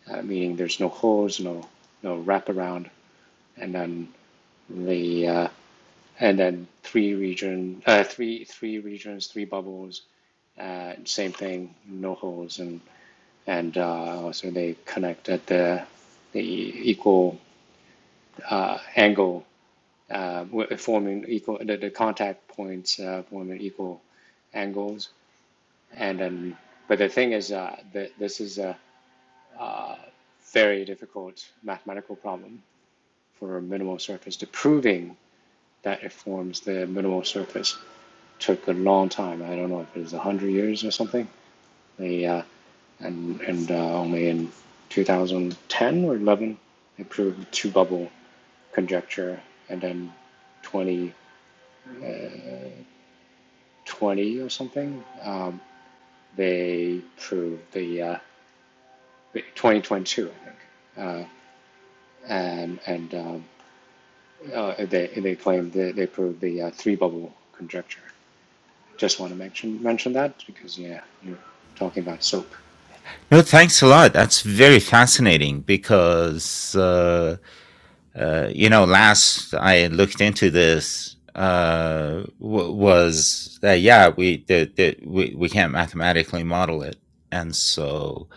uh, meaning there's no holes, no no wraparound, and then the uh, and then three region, uh, three three regions, three bubbles, uh, same thing, no holes, and and uh, also they connect at the the equal uh, angle, uh, forming equal the, the contact points uh, forming equal angles, and then but the thing is uh, that this is a very difficult mathematical problem for a minimal surface. The proving that it forms the minimal surface took a long time. I don't know if it was a hundred years or something They uh, and and uh, only in 2010 or 11 they proved two bubble conjecture, and then 2020 or something um, they proved the uh, 2022 I think, uh, and and um, uh, they they claimed that they proved the uh, three bubble conjecture. Just want to mention mention that because yeah, you're talking about soap.
No, thanks a lot. That's very fascinating because, uh, uh, you know, last I looked into this uh, w- was that, yeah, we, the, the, we, we can't mathematically model it. And so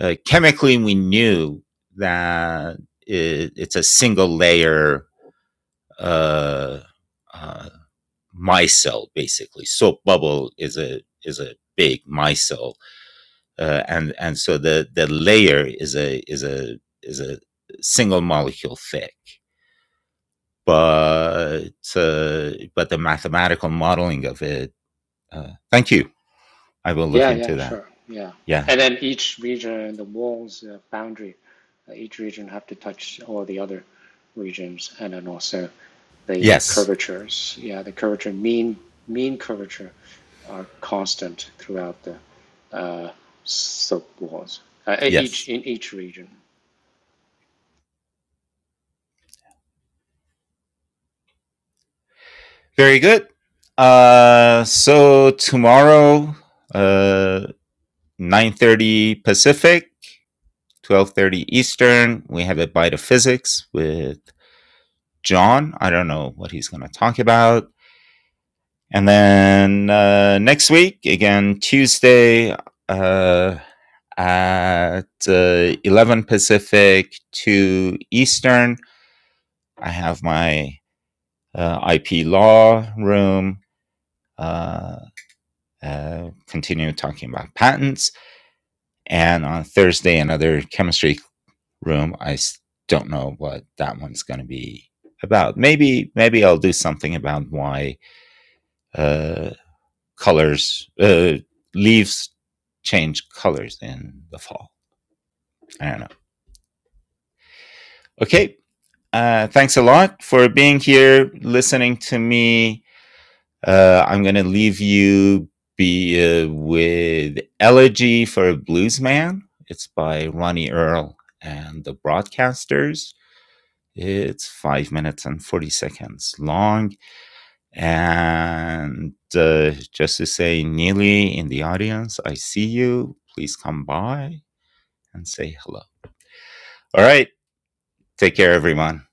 uh, chemically, we knew that it, it's a single layer uh, uh, micelle, basically. Soap bubble is a, is a big micelle uh, and and so the the layer is a is a is a single molecule thick but uh, but the mathematical modeling of it uh, thank you i will look
Yeah,
into
yeah,
that
sure. Yeah.
yeah
And then each region, the walls, uh, boundary, uh, each region have to touch all the other regions, and then also the
yes
curvatures. Yeah, the curvature mean mean curvature are constant throughout the uh, slope walls. Uh, each
yes
in each region.
very good uh so tomorrow uh 9:30 pacific 12:30 eastern we have a bite of physics with john i don't know what he's going to talk about And then uh, next week, again, Tuesday uh, at uh, 11 Pacific, 2 Eastern, I have my uh, IP law room, uh, uh, continue talking about patents. And on Thursday, another chemistry room. I s- don't know what that one's going to be about. Maybe, maybe I'll do something about why uh, colors, uh, leaves change colors in the fall. I don't know. Okay. Uh, thanks a lot for being here, listening to me. Uh, I'm going to leave you be uh, with Elegy for a Bluesman. It's by Ronnie Earl and the Broadcasters. It's five minutes and 40 seconds long. And uh, just to say, Neely in the audience, I see you. Please come by. and say hello. All right. Take care, everyone.